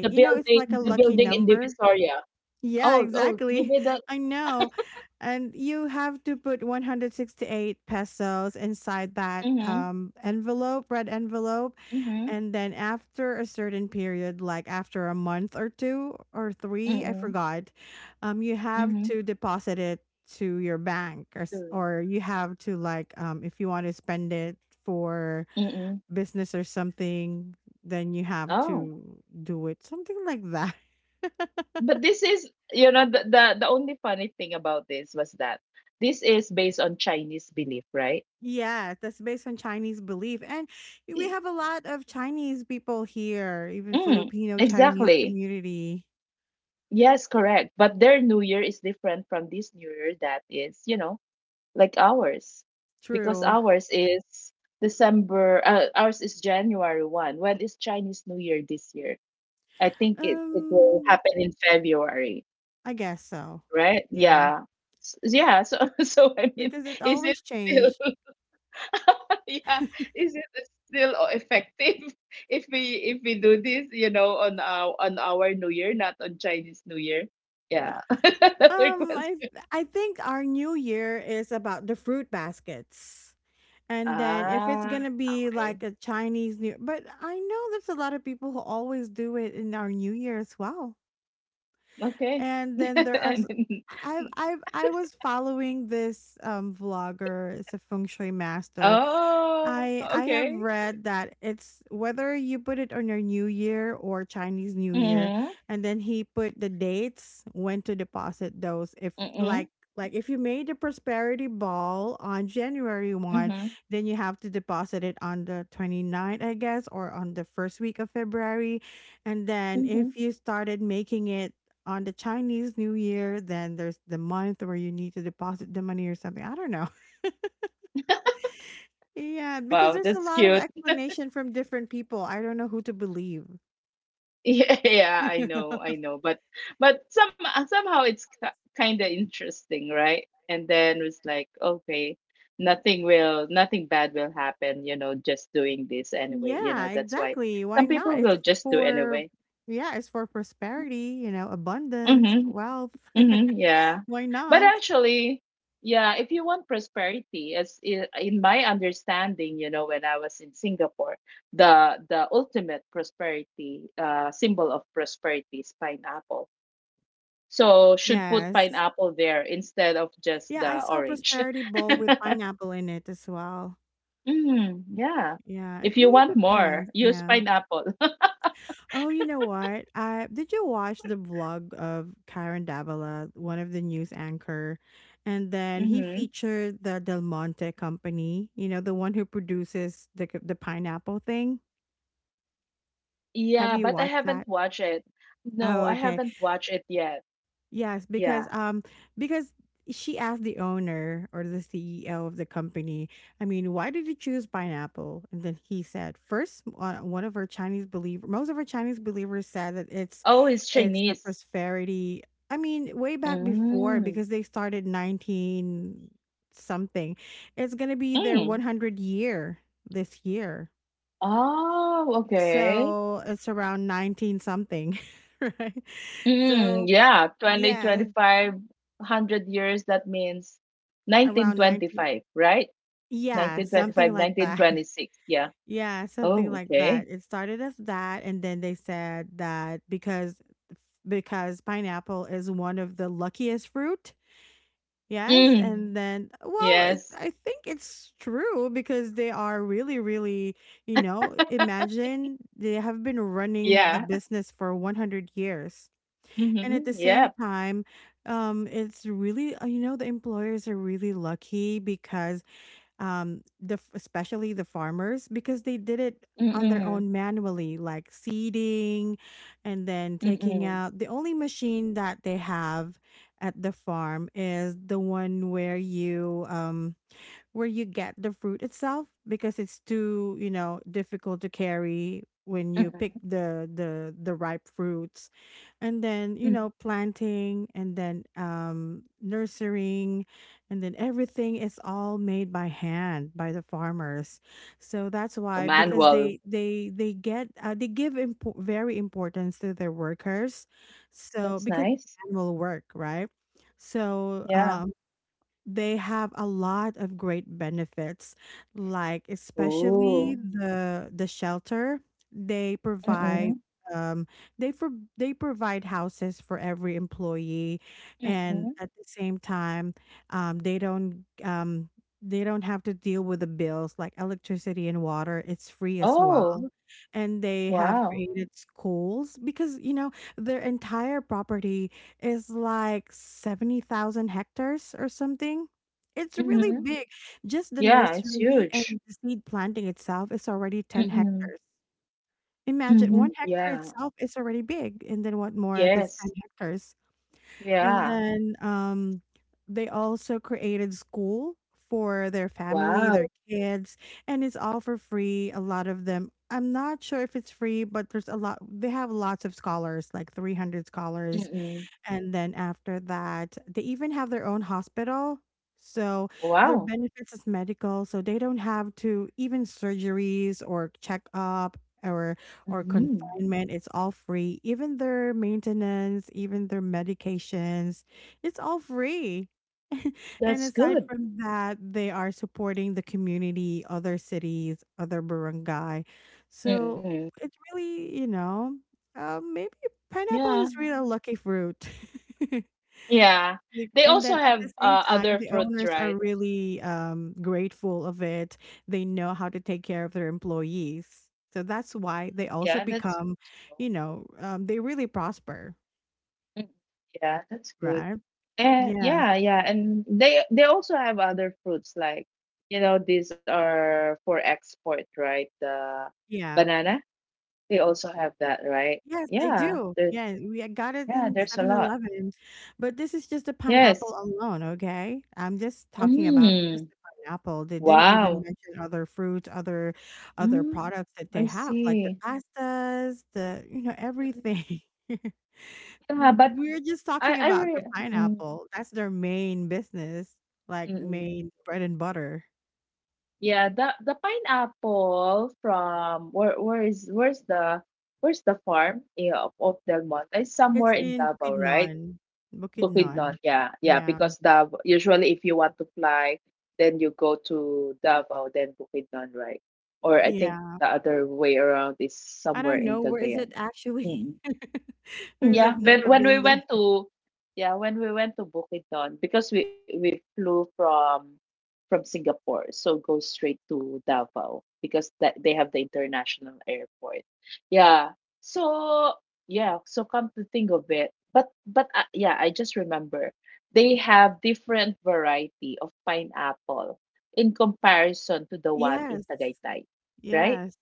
the
You know, it's
building,
like a
the
lucky
building in
number.
Divisoria.
Yeah,
Oh, oh,
exactly.
maybe that.
I know. And you have to put one hundred sixty-eight pesos inside that,
Mm-hmm.
um, envelope, red envelope.
Mm-hmm.
And then after a certain period, like after a month or two or three, I
Mm-hmm.
forgot, um, you have
Mm-hmm.
to deposit it to your bank, or s-
Soon.
or you have to, like, um, if you want to spend it for
Mm-hmm.
business or something, then you have
Oh.
to do it. Something like that.
But this is, you know, the, the the only funny thing about this was that this is based on Chinese belief, right?
Yeah, that's based on Chinese belief. And we
I-
have a lot of Chinese people here, even
mm,
Filipino Chinese
exactly,
community.
yes, correct. But their New Year is different from this New Year that is, you know, like ours. Because
True.
ours is December, uh, ours is January first. When is Chinese New Year this year? I think it, it will
Um,
happen in February,
I guess so.
right?
Yeah,
Yeah. S- yeah, so so I mean
because it
is it
always
still
changed.
yeah. Is it still o- effective if we if we do this, you know, on our on our New Year, not on Chinese New Year? Yeah. Another
Um, I
question.
I think our new year is about the fruit baskets. And then if it's
Ah,
gonna be
okay.
like a Chinese New, but I know there's a lot of people who always do it in our New Year as well.
Okay.
And then there
And
are s-
then-
I've I've I was following this um vlogger, it's a feng shui master.
oh,
I I
okay.
have read that it's whether you put it on your New Year or Chinese New Year,
Mm-hmm.
and then he put the dates when to deposit those. If y-
Mm-hmm.
like like if you made the prosperity ball on January first,
Mm-hmm.
then you have to deposit it on the 29th, I guess, or on the first week of February. And then
Mm-hmm.
if you started making it on the Chinese New Year, then there's the month where you need to deposit the money or something. I don't know. Yeah, because
Wow,
there's a
that's
lot of
cute.
explanation from different people. I don't know who to believe.
Yeah, yeah, I
Yeah,
know, I know, but but some uh, somehow it's kind of interesting, right? And then it's like, okay, nothing will, nothing bad will happen, you know, just doing this anyway, you know.
yeah,
That's why
exactly. Why
some
not?
people will
It's
just do
for.
anyway.
Yeah, it's for prosperity, you know, abundance,
Mm-hmm,
wealth.
mm-hmm, yeah.
Why
But
not?
actually, yeah, if you want prosperity, as in, in my understanding, you know, when I was in Singapore, the the ultimate prosperity, uh, symbol of prosperity is pineapple. So should put
Yes.
pineapple there instead of just
Yeah, I
the
saw
orange.
prosperity bowl with pineapple in it as well.
Mm, yeah.
Yeah,
If
it
you
really
want more,
depends.
use
Yeah.
pineapple.
Oh, you know what? I Did you watch the vlog of Karen Davila, one of the news anchor, and then he
Hmm.
featured the Del Monte company, you know, the one who produces the c- the pineapple thing? Have
Yeah,
you
but I
watched
haven't
that?
watched it. No,
Oh,
I
okay.
haven't watched it yet.
Yes,
Yeah.
because um because she asked the owner or the C E O of the company, I mean, why did you choose pineapple? And then he said, first, uh, one of our Chinese believer, most of our Chinese believers said that it's
Oh, it's
it's a
Chinese.
prosperity. I mean, way back before,
Mm.
because they started nineteen something. It's going to be their
Mm.
one hundred year this year.
Oh, okay.
So, it's around nineteen something, right?
Mm,
So,
yeah, twenty,
yeah,
twenty-five, one hundred years, that means
around nineteen.
nineteen twenty-five, right?
Yeah,
nineteen twenty-five,
something like that.
nineteen twenty-six, yeah.
Yeah, something
Oh,
like that.
okay.
It started as that, and then they said that because because pineapple is one of the luckiest fruit. Yes,
Mm.
and then, well, it,
Yes.
I think it's true, because they are really, really, you know, imagine they have been running the
Yeah.
business for one hundred years, and at the
Mhm.
same
Yep.
time, um, it's really, uh, you know, the employers are really lucky because um the f- especially the farmers, because they did it on their
Mm-mm.
own manually, like seeding, and then taking
Mm-mm.
out. The only machine that they have at the farm is the one where you, um where you get the fruit itself, because it's too, you know, difficult to carry when you pick
Mm-mm.
the the the ripe fruits. And then, you
Mm.
know, planting, and then um nurturing, and then everything is all made by hand by the farmers. So that's
A
why, because
manual.
they they they get uh, they give impo- very importance to their workers. So
That's
because it's
nice.
manual work, right? So
Yeah.
um they have a lot of great benefits, like especially
Ooh.
the the shelter they provide.
Mm-mm.
um they for they provide houses for every employee. And
Mm-mm.
at the same time, um they don't um they don't have to deal with the bills, like electricity and water. It's free as well.
Oh,
And they have
wow.
created schools, because you know, their entire property is like seventy thousand hectares or something. It's really
Mm-hmm.
big. Just the
Yeah, it's
nursery and
huge.
the seed planting itself is already ten
Mm-mm.
hectares. Imagine
Mm-hmm.
one hectare
Yeah.
itself is already big. And then what more if it's ten
Yes.
hectares? And
Yeah.
then, um, they also created school for their family, their
Wow.
kids, and it's all for free. A lot of them. I'm not sure if it's free, but there's a lot. They have lots of scholars, like three hundred scholars,
Mm-mm.
and then after that, they even have their own hospital. So their
Wow.
benefits is medical, so they don't have to even surgeries or checkup, or or
Mm-hmm.
confinement. It's all free. Even their maintenance, even their medications, it's all free. And
That's
aside
good.
from that, they are supporting the community, other cities, other barangay. So
Mm-mm.
it's really, you know, um, maybe pineapple
Yeah.
is really a lucky fruit.
Yeah.
Like,
They
and
also
then at
have
the same
uh,
time,
other
the
fruits,
owners are
right?
really, um, grateful of it. They know how to take care of their employees. So that's why they also
Yeah, that's.
become, you know, um, they really prosper,
Mm, yeah, that's good.
right?
And
Yes.
yeah, yeah, and they they also have other fruits like, you know, these are for export, right? The
Yeah.
banana, they also have that, right?
Yes, they
Yeah,
do.
there,
Yeah, we got it
yeah,
in
there's a
Seven
lot.
Eleven, but this is just the
Yes.
pineapple alone, okay? I'm just talking about just
Mm,
the pineapple. They didn't even
wow.
mention other fruits, other other
Mm,
products that they
I
have, like the
see.
pastas, the you know,
Mm, mm.
everything.
Yeah, but
We're just
I
talking
I
about
really
the
mm,
pineapple. That's their main business, like
mm, mm.
main bread and butter.
Yeah, the the pineapple from where where is where's the where's the farm, yeah, of, of Del Monte? It's
It's
somewhere in
in
Davao, right?
Bukidnon.
Bukidnon,
Bukidnon.
yeah, yeah.
Yeah.
Because Davao usually if you want to fly, then you go to Davao, then Bukidnon, right? Or I think
Yeah.
the other way around is
I
somewhere
don't
in
know where is it
Cagayan.
actually.
Mm-hmm.
Because
Yeah,
I've
but
never
when we
been
went
there.
to yeah, When we went to Bukidnon because we we flew from from Singapore, so go straight to Davao because that they have the international airport. Yeah. So yeah, so come to think of it, but but uh, yeah, I just remember they have different variety of pineapple in comparison to the one in
Yes.
Tagaytay, right?
Yes.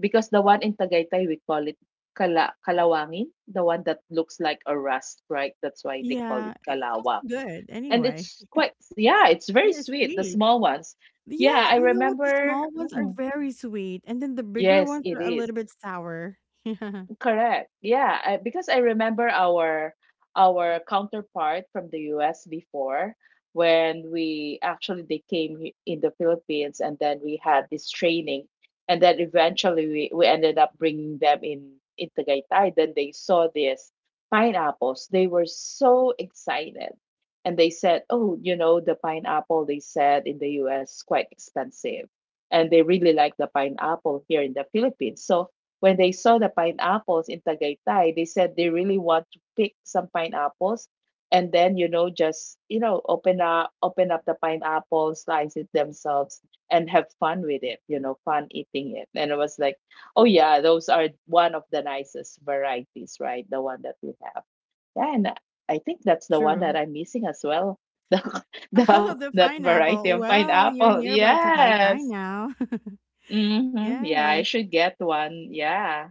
Because the one in Tagaytay, we call it kala, kalawangin, the one that looks like a rust, right? That's why they call
Yeah,
it
it's also
kalawang.
good
And
anyway.
it's quite, yeah, it's very
Yeah,
sweet, the
sweet.
small ones. Yeah,
Yeah,
I
you know what? The
remember.
small ones are
Mm,
very sweet, and then the bigger
yes,
ones
it
are a
is.
little bit sour. Yeah,
Correct. Yeah, I, because I remember our our counterpart from the U S before when we actually they came he- in the Philippines, and then we had this training, and then eventually we, we ended up bringing them in in Tagaytay. Then they saw these pineapples. They were so excited, and they said, oh, you know, the pineapple, they said in the U S quite expensive, and they really like the pineapple here in the Philippines. So when they saw the pineapples in Tagaytay, they said they really want to pick some pineapples and then, you know, just, you know, open up open up the pineapple, slice it themselves, and have fun with it, you know, fun eating it. And I was like, oh yeah, those are one of the nicest varieties, right? The one that we have. Yeah, and I think that's the one that
true.
I'm missing as well. The, the
Oh, the
that variety
pineapple.
of
Well, you're
pineapple.
nearby Tagaytay
Yes.
now.
Mm-hmm. Yeah, I
Yes.
should get one. Yeah.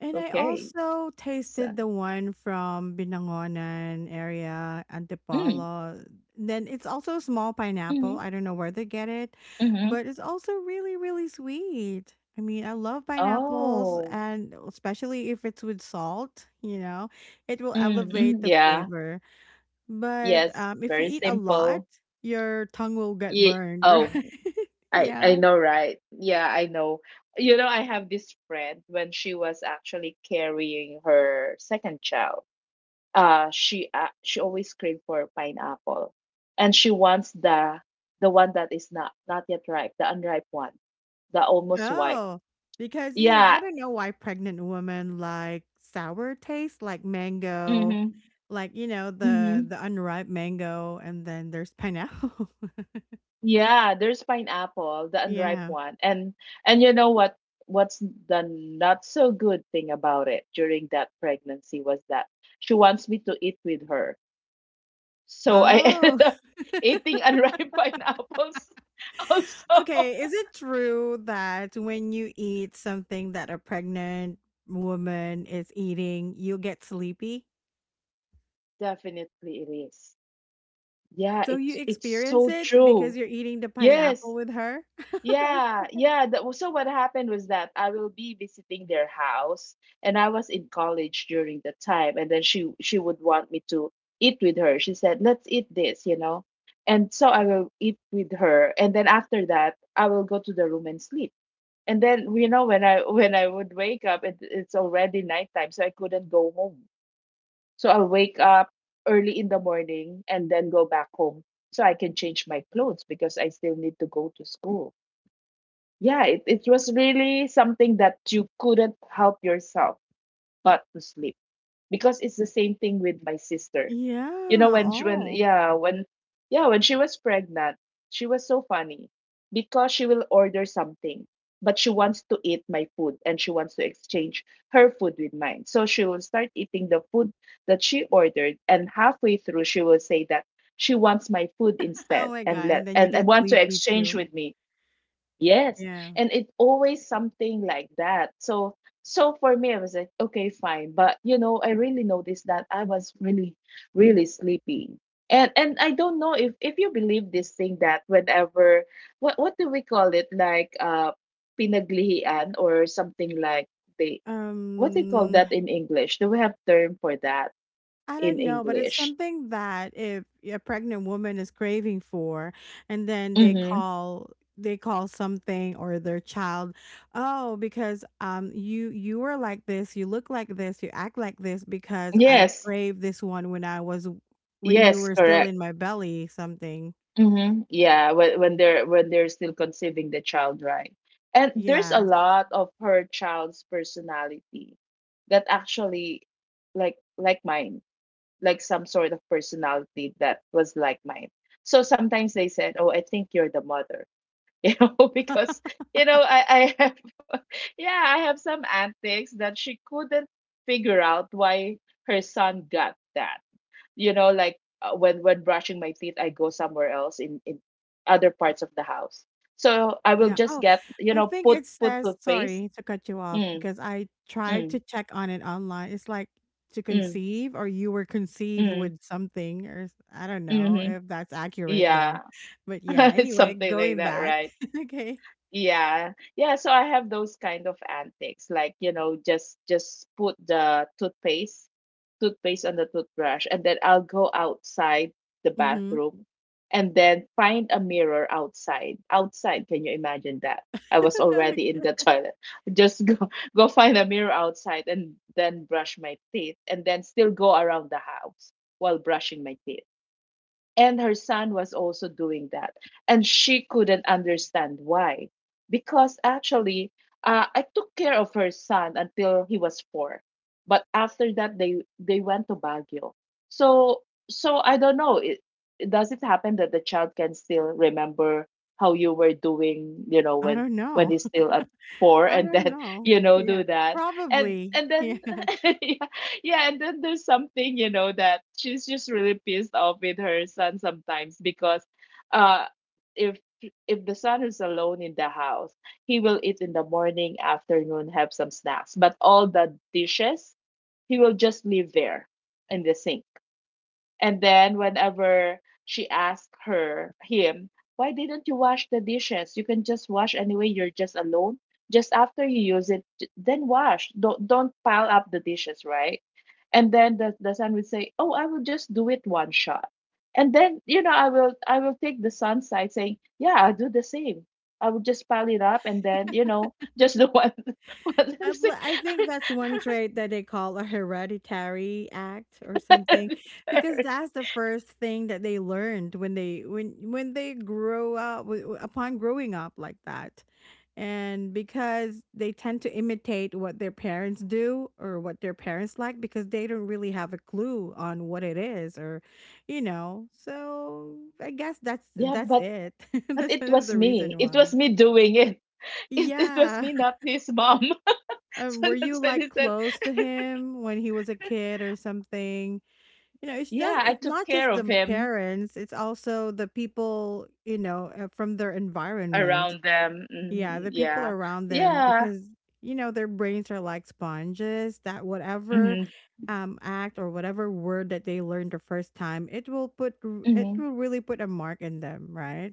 And I
Okay.
also
So
tasted the one from Binangonan area,
mm,
Antipolo. Then it's also a small pineapple.
mhm,
I don't know where they get it,
mhm.
but it's also really, really sweet. I mean, I love pineapples,
Oh.
and especially if it's with salt, you know, it will
Mm, mm,
elevate the
yeah.
flavor. But
Yes,
um, if you
very
eat a lot,
simple.
your tongue will get
Yeah,
burned,
oh,
right?
I I
Yeah.
know, right? Yeah, I know. You know, I have this friend when she was actually carrying her second child. Uh, she uh, she always craved for pineapple, and she wants the the one that is not not yet ripe, the unripe one, the almost white.
Oh, because, you know, I
Yeah.
don't know why pregnant women like sour taste, like mango,
Mm-hmm.
like, you know, the
Mm-hmm.
the unripe mango, and then there's pineapple.
Yeah, there's pineapple, the unripe
Yeah.
one. And and you know what what's the not so good thing about it during that pregnancy was that she wants me to eat with her. So I
Oh,
ended up eating unripe pineapples also.
okay. Is it true that when you eat something that a pregnant woman is eating, you get sleepy?
Definitely it is. Yeah,
So you
it's it's
experience
so
it
true.
because you're eating the pineapple
Yes.
with her?
Yeah, yeah. That was, so what happened was that I will be visiting their house, and I was in college during the time, and then she she would want me to eat with her. She said, "Let's eat this," you know, and so I will eat with her, and then after that, I will go to the room and sleep. And then you know when I when I would wake up, it, it's already nighttime, so I couldn't go home. So I'll wake up early in the morning and then go back home so I can change my clothes because I still need to go to school. Yeah, it, it was really something that you couldn't help yourself but to sleep, because it's the same thing with my sister. You know,
Yeah.
when she, when
Oh.
yeah, when yeah, when she was pregnant, she was so funny because she will order something, but she wants to eat my food and she wants to exchange her food with mine. So she will start eating the food that she ordered and halfway through she will say that she wants my food
Oh
instead
my
and
God. And
let
then you
and,
get
and want to
sleepy
exchange
too.
with me. Yes.
Yeah.
And it always something like that. So so for me I was like, okay, fine. But you know, I really noticed that I was really, really sleepy. And and I don't know if if you believe this thing that whenever what what do we call it? Like uh pinaglihian or something like they, what do you call
Um,
that in English? Do we have term for that
I
in
don't know, but it's
English?
something that if a pregnant woman is craving for, and then they
Mm-hmm.
call they call something or their child, oh, because um you you were like this, you look like this, you act like this because I
Yes.
crave this one when I was when you
Yes,
were still in
correct.
my belly, something.
Mm-hmm. Yeah, when when they're when they're still conceiving the child, right? And there's a
Yeah,
lot of her child's personality that actually like like mine, like some sort of personality that was like mine. So sometimes they said, "Oh, I think you're the mother," you know, because you know I I have yeah I have some antics that she couldn't figure out why her son got that, you know, like uh, when when brushing my teeth, I go somewhere else in in other parts of the house, so I will
yeah.
just
Oh,
get, you
I
know,
think
put
it
put
says,
toothpaste.
sorry to cut you off
Mm.
because I tried
Mm.
to check on it online. It's like to
Mm.
conceive or you were conceived
Mm.
with something or s- I don't know
Mm.
if that's accurate though.
Yeah.
But yeah, anyway,
Something like
going
that,
back.
right?
Okay.
Yeah. Yeah, so I have those kind of antics like, you know, just just put the toothpaste toothpaste on the toothbrush, and then I'll go outside the
Mhm.
bathroom and then find a mirror outside. Outside, can you imagine that? I was already in
Okay.
the toilet. Just go go find a mirror outside and then brush my teeth and then still go around the house while brushing my teeth. And her son was also doing that. And she couldn't understand why. Because actually, uh, I took care of her son until he was four. But after that, they, they went to Baguio. So, so I don't know. It, it- does it happen that the child can still remember how you were doing, you know,
I
when,
don't
when
know.
he's still at four,
I
and
don't
then,
know.
you know,
Yeah.
do that? And,
Probably.
and then,
Yeah.
Yeah, and then there's something, you know, that she's just really pissed off with her son sometimes, because uh if if the son is alone in the house, he will eat in the morning, afternoon, have some snacks, but all the dishes he will just leave there in the sink. And then whenever she asked her him, why didn't you wash the dishes? You can just wash anyway. You're just alone. Just after you use it, j- then wash. Don't don't pile up the dishes, right? And then the, the son would say, oh, I will just do it one shot. And then, you know, I will I will take the son's side saying, yeah, I'll do the same. I will just pile it up and then, you know, just the one one.
I bel I think that's one trait that they call a hereditary act or something, because that's the first thing that they learned when they when when they grow up wi- wi- upon growing up like that. And because they tend to imitate what their parents do or what their parents like because they don't really have a clue on what it is or you know. So I guess that's
Yeah,
that's
but
it.
but
That's
it
one of
was
the
me.
reason
It was
why.
me doing it. It, it was
Yeah.
me, not his mom.
Um,
So
were
that's
you,
why he
like,
said,
close to him when he was a kid or something? You know, it's
yeah,
just
I
it's
took
not
care
just
of
the
him
parents, it's also the people, you know, uh, from their environment.
around them.
Yeah,
Mhm,
the people
yeah.
around them
Yeah.
because, you know, their brains are like sponges that whatever
Mm-hmm,
um act or whatever word that they learned the first time, it will put r- it
mm-hmm,
will really put a mark in them, right?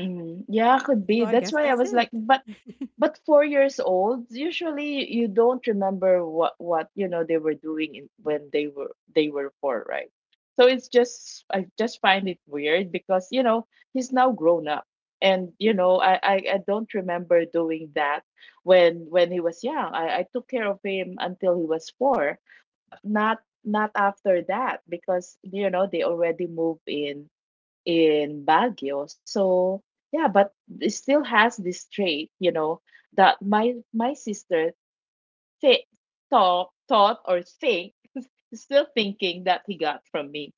mm-hmm. Yeah, could
So
be.
I
That's
guess
why I
that's
was like,
it.
but but four years old usually you don't remember what what you know they were doing in, when they were they were four, right? So it's just I just find it weird because, you know, he's now grown up, and you know i i, I don't remember doing that when when he was young. I, I took care of him until he was four, not not after that because you know they already moved in in Baguio. So yeah, but it still has this trait, you know, that my my sister th- thought thought or think still thinking that he got from me.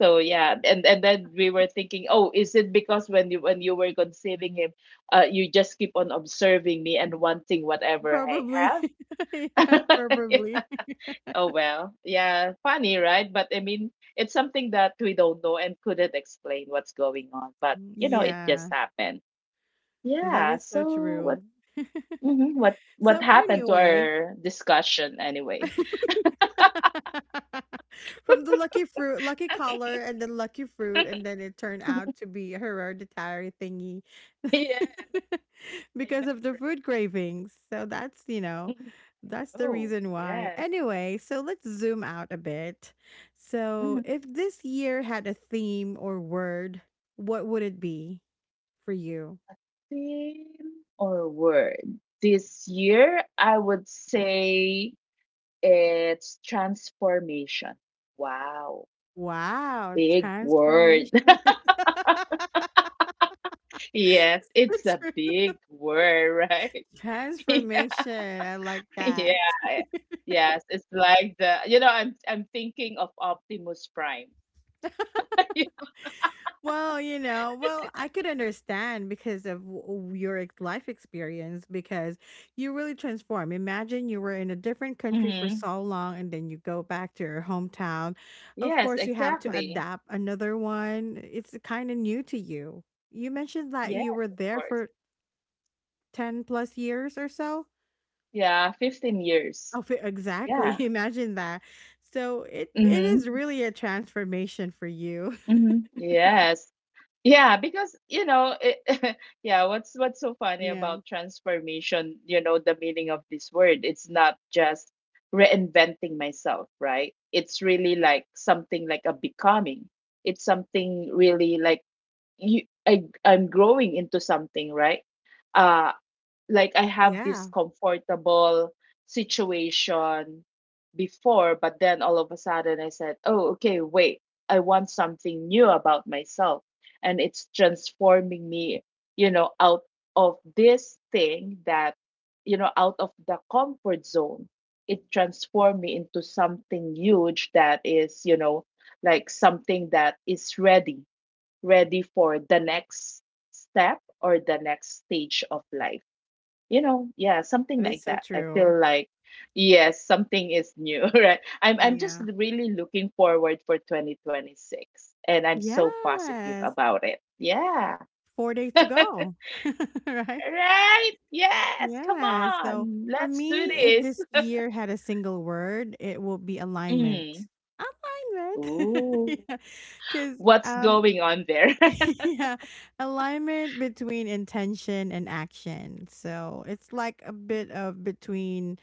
So yeah, and and then we were thinking, oh, is it because when you when you were conceiving him, uh, you just keep on observing me and wanting whatever I
Probably. Yeah,
have?
probably.
Oh well, yeah, funny, right? But I mean, it's something that we don't know and couldn't explain what's going on. But you know, it just
Yeah,
happened.
that
Yeah.
is so
So what?
true.
Mhm, what? What
So
happened to
anyway,
our discussion anyway?
from the lucky fruit, lucky color, and then lucky fruit, and then it turned out to be a hereditary thingy
Yeah, I
because
know.
of the food cravings. So that's, you
Right?
know,
Mhm, I
that's the
know.
reason
Yes.
why. Anyway, so let's zoom out a bit.
Hmm.
So, if this year had a theme or word, what would it be for you?
Theme or word this year? I would say it's transformation. Wow,
Wow,
big word.
transformation.
Yes, it's a big word, right?
Transformation. I like
Yeah,
that.
yeah. Yes, it's like the you know, I'm I'm thinking of Optimus Prime.
Well, you know, well, I could understand because of w- w- your ex- life experience because you really transform. Imagine you were in a different country for
Hmm.
so long and then you go back to your hometown. Of
Yes,
course, you have to
exactly.
adapt another one. It's kind of new to you. You mentioned that
Yes,
you were
of
there
course.
for ten plus years or so.
Yeah, fifteen years.
Oh, fi- exactly.
Yeah.
Imagine that. So it it is
Mm-hmm.
really a transformation for you.
Mm-hmm. Yes. Yeah, because you know, it, yeah, what's what's so funny
Yeah.
about transformation, you know, the meaning of this word, it's not just reinventing myself, right? It's really like something like a becoming. It's something really like you I I'm growing into something, right? Uh like I have this
Yeah.
comfortable situation before, but then all of a sudden I said, oh, okay, wait, I want something new about myself. And it's transforming me, you know, out of this thing that, you know, out of the comfort zone. It transformed me into something huge that is, you know, like something that is ready, ready for the next step or the next stage of life, you know. Yeah, something
That is
like
so
that I
true.
feel like. Yes, something is new, right? I'm i'm just
Yeah.
really looking forward for twenty twenty-six, and I'm so positive
Yes.
about it. Yeah.
four days to go. Right?
Right, yes, come
Yeah, so
on,
for
let's do
me, if
this.
this year had a single word, it will be alignment.
Mm.
Alignment.
Ooh.
Yeah, because
What's
um
going on there?
yeah, alignment between intention and action. So it's like a bit of between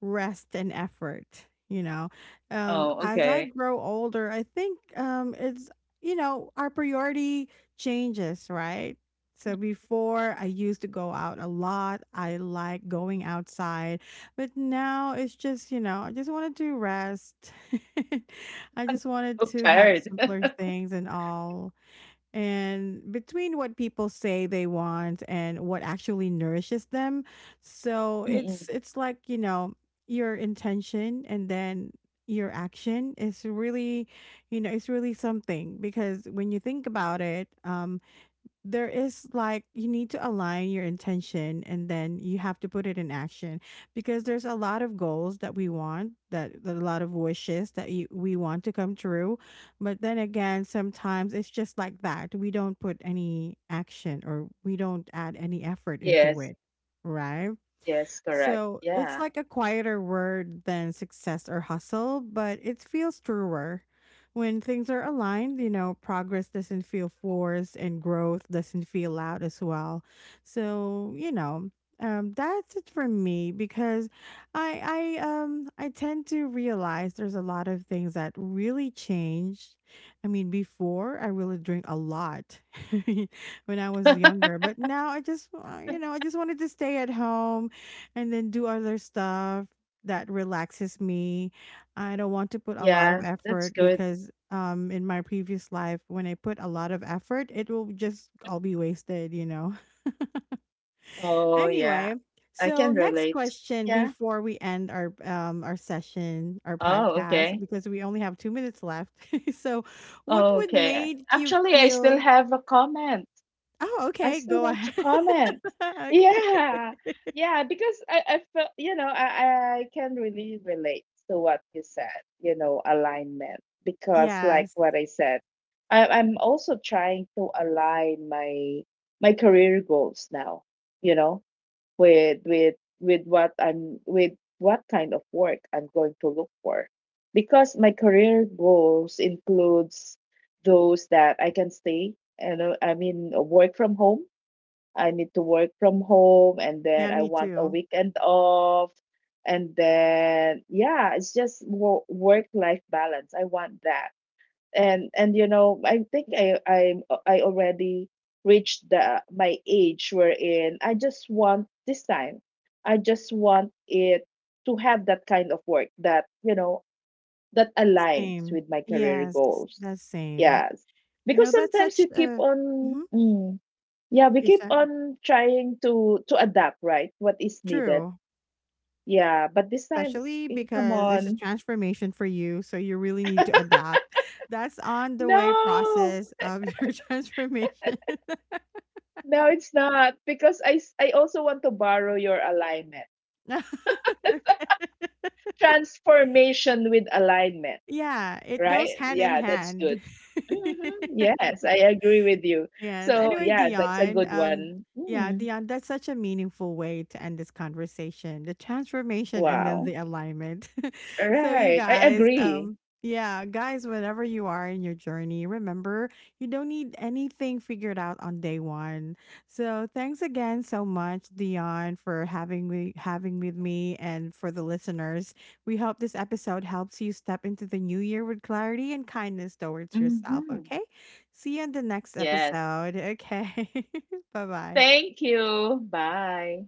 rest and effort, you know. um
Oh,
as I
okay.
grow older, I think um it's, you know, our priority changes, right? So before I used to go out a lot, I like going outside, but now it's just, you know, I just wanted to rest. I just wanted
So
to have
tired.
simpler things and all, and between what people say they want and what actually nourishes them. So it's
Mm-mm.
it's like, you know, your intention and then your action is really, you know, it's really something because when you think about it, um there is like you need to align your intention and then you have to put it in action because there's a lot of goals that we want that, that a lot of wishes that you, we want to come true, but then again sometimes it's just like that we don't put any action or we don't add any effort into
Yes.
it, right?
Yes, correct,
So it's
yeah.
like a quieter word than success or hustle, but it feels truer. When things are aligned, you know, progress doesn't feel forced and growth doesn't feel loud as well. So, you know, um, that's it for me because I I um I tend to realize there's a lot of things that really changed. I mean, before I really drink a lot when I was younger, but now I just uh, you know, I just wanted to stay at home and then do other stuff that relaxes me. I don't want to put a lot of
Yeah, that's
effort
good.
because um in my previous life when I put a lot of effort, it will just all be wasted, you know.
Oh yeah.
Anyway,
I
so
can
next
relate.
question
Yeah.
before we end our um our session, our
Oh,
podcast
okay.
because we only have two minutes left. So, what
Oh,
would
okay.
make you
Actually, I still
feel?
have a comment.
Oh,
I
okay,
still
go
want to
ahead.
comment.
Okay.
Yeah. Yeah, because I, I felt, you know, I, I can really relate to what you said, you know, alignment. Because like
Yes.
what I said, I, I'm also trying to align my my career goals now, you know, with with with what I'm with what kind of work I'm going to look for, because my career goals includes those that I can stay and uh, I mean uh, work from home. I need to work from home, and then
Yeah,
I
me
want a
too.
weekend off, and then yeah, it's just work life balance. I want that, and and you know i think i i i already reached the my age wherein I just want this time, I just want it to have that kind of work that you know that aligns
Same.
with my career
Yes,
goals.
that's same.
Yes,
You know,
because
that's
sometimes
such
you keep
a
on
mm-hmm,
mm, yeah, we
is
keep
that
on trying to to adapt right what is needed.
true?
Yeah, but this time
Especially
eh, come
because it's a
on,
transformation for you, so you really need to adapt. That's on the way
no.
process of your transformation.
No, it's not because I s- I also want to borrow your alignment.
Okay.
Transformation with alignment,
Yeah, it goes
right?
hand in
Yeah, that's good.
hand.
Hmm. Yes, I agree with you.
Yes.
So,
Anyway,
yeah, that's a
Dion,
good
um,
one.
yeah,
Mm,
Dion, that's such a meaningful way to end this conversation. The transformation and then
wow.
the alignment.
All
So you
right. I
guys,
agree.
um, yeah, guys, whenever you are in your journey, remember you don't need anything figured out on day one. So thanks again so much, Dion, for having me having with me and for the listeners. We hope this episode helps you step into the new year with clarity and kindness towards yourself.
Hmm.
Okay. See you in the next
Yes.
episode. Okay. Bye bye.
Thank you. Bye.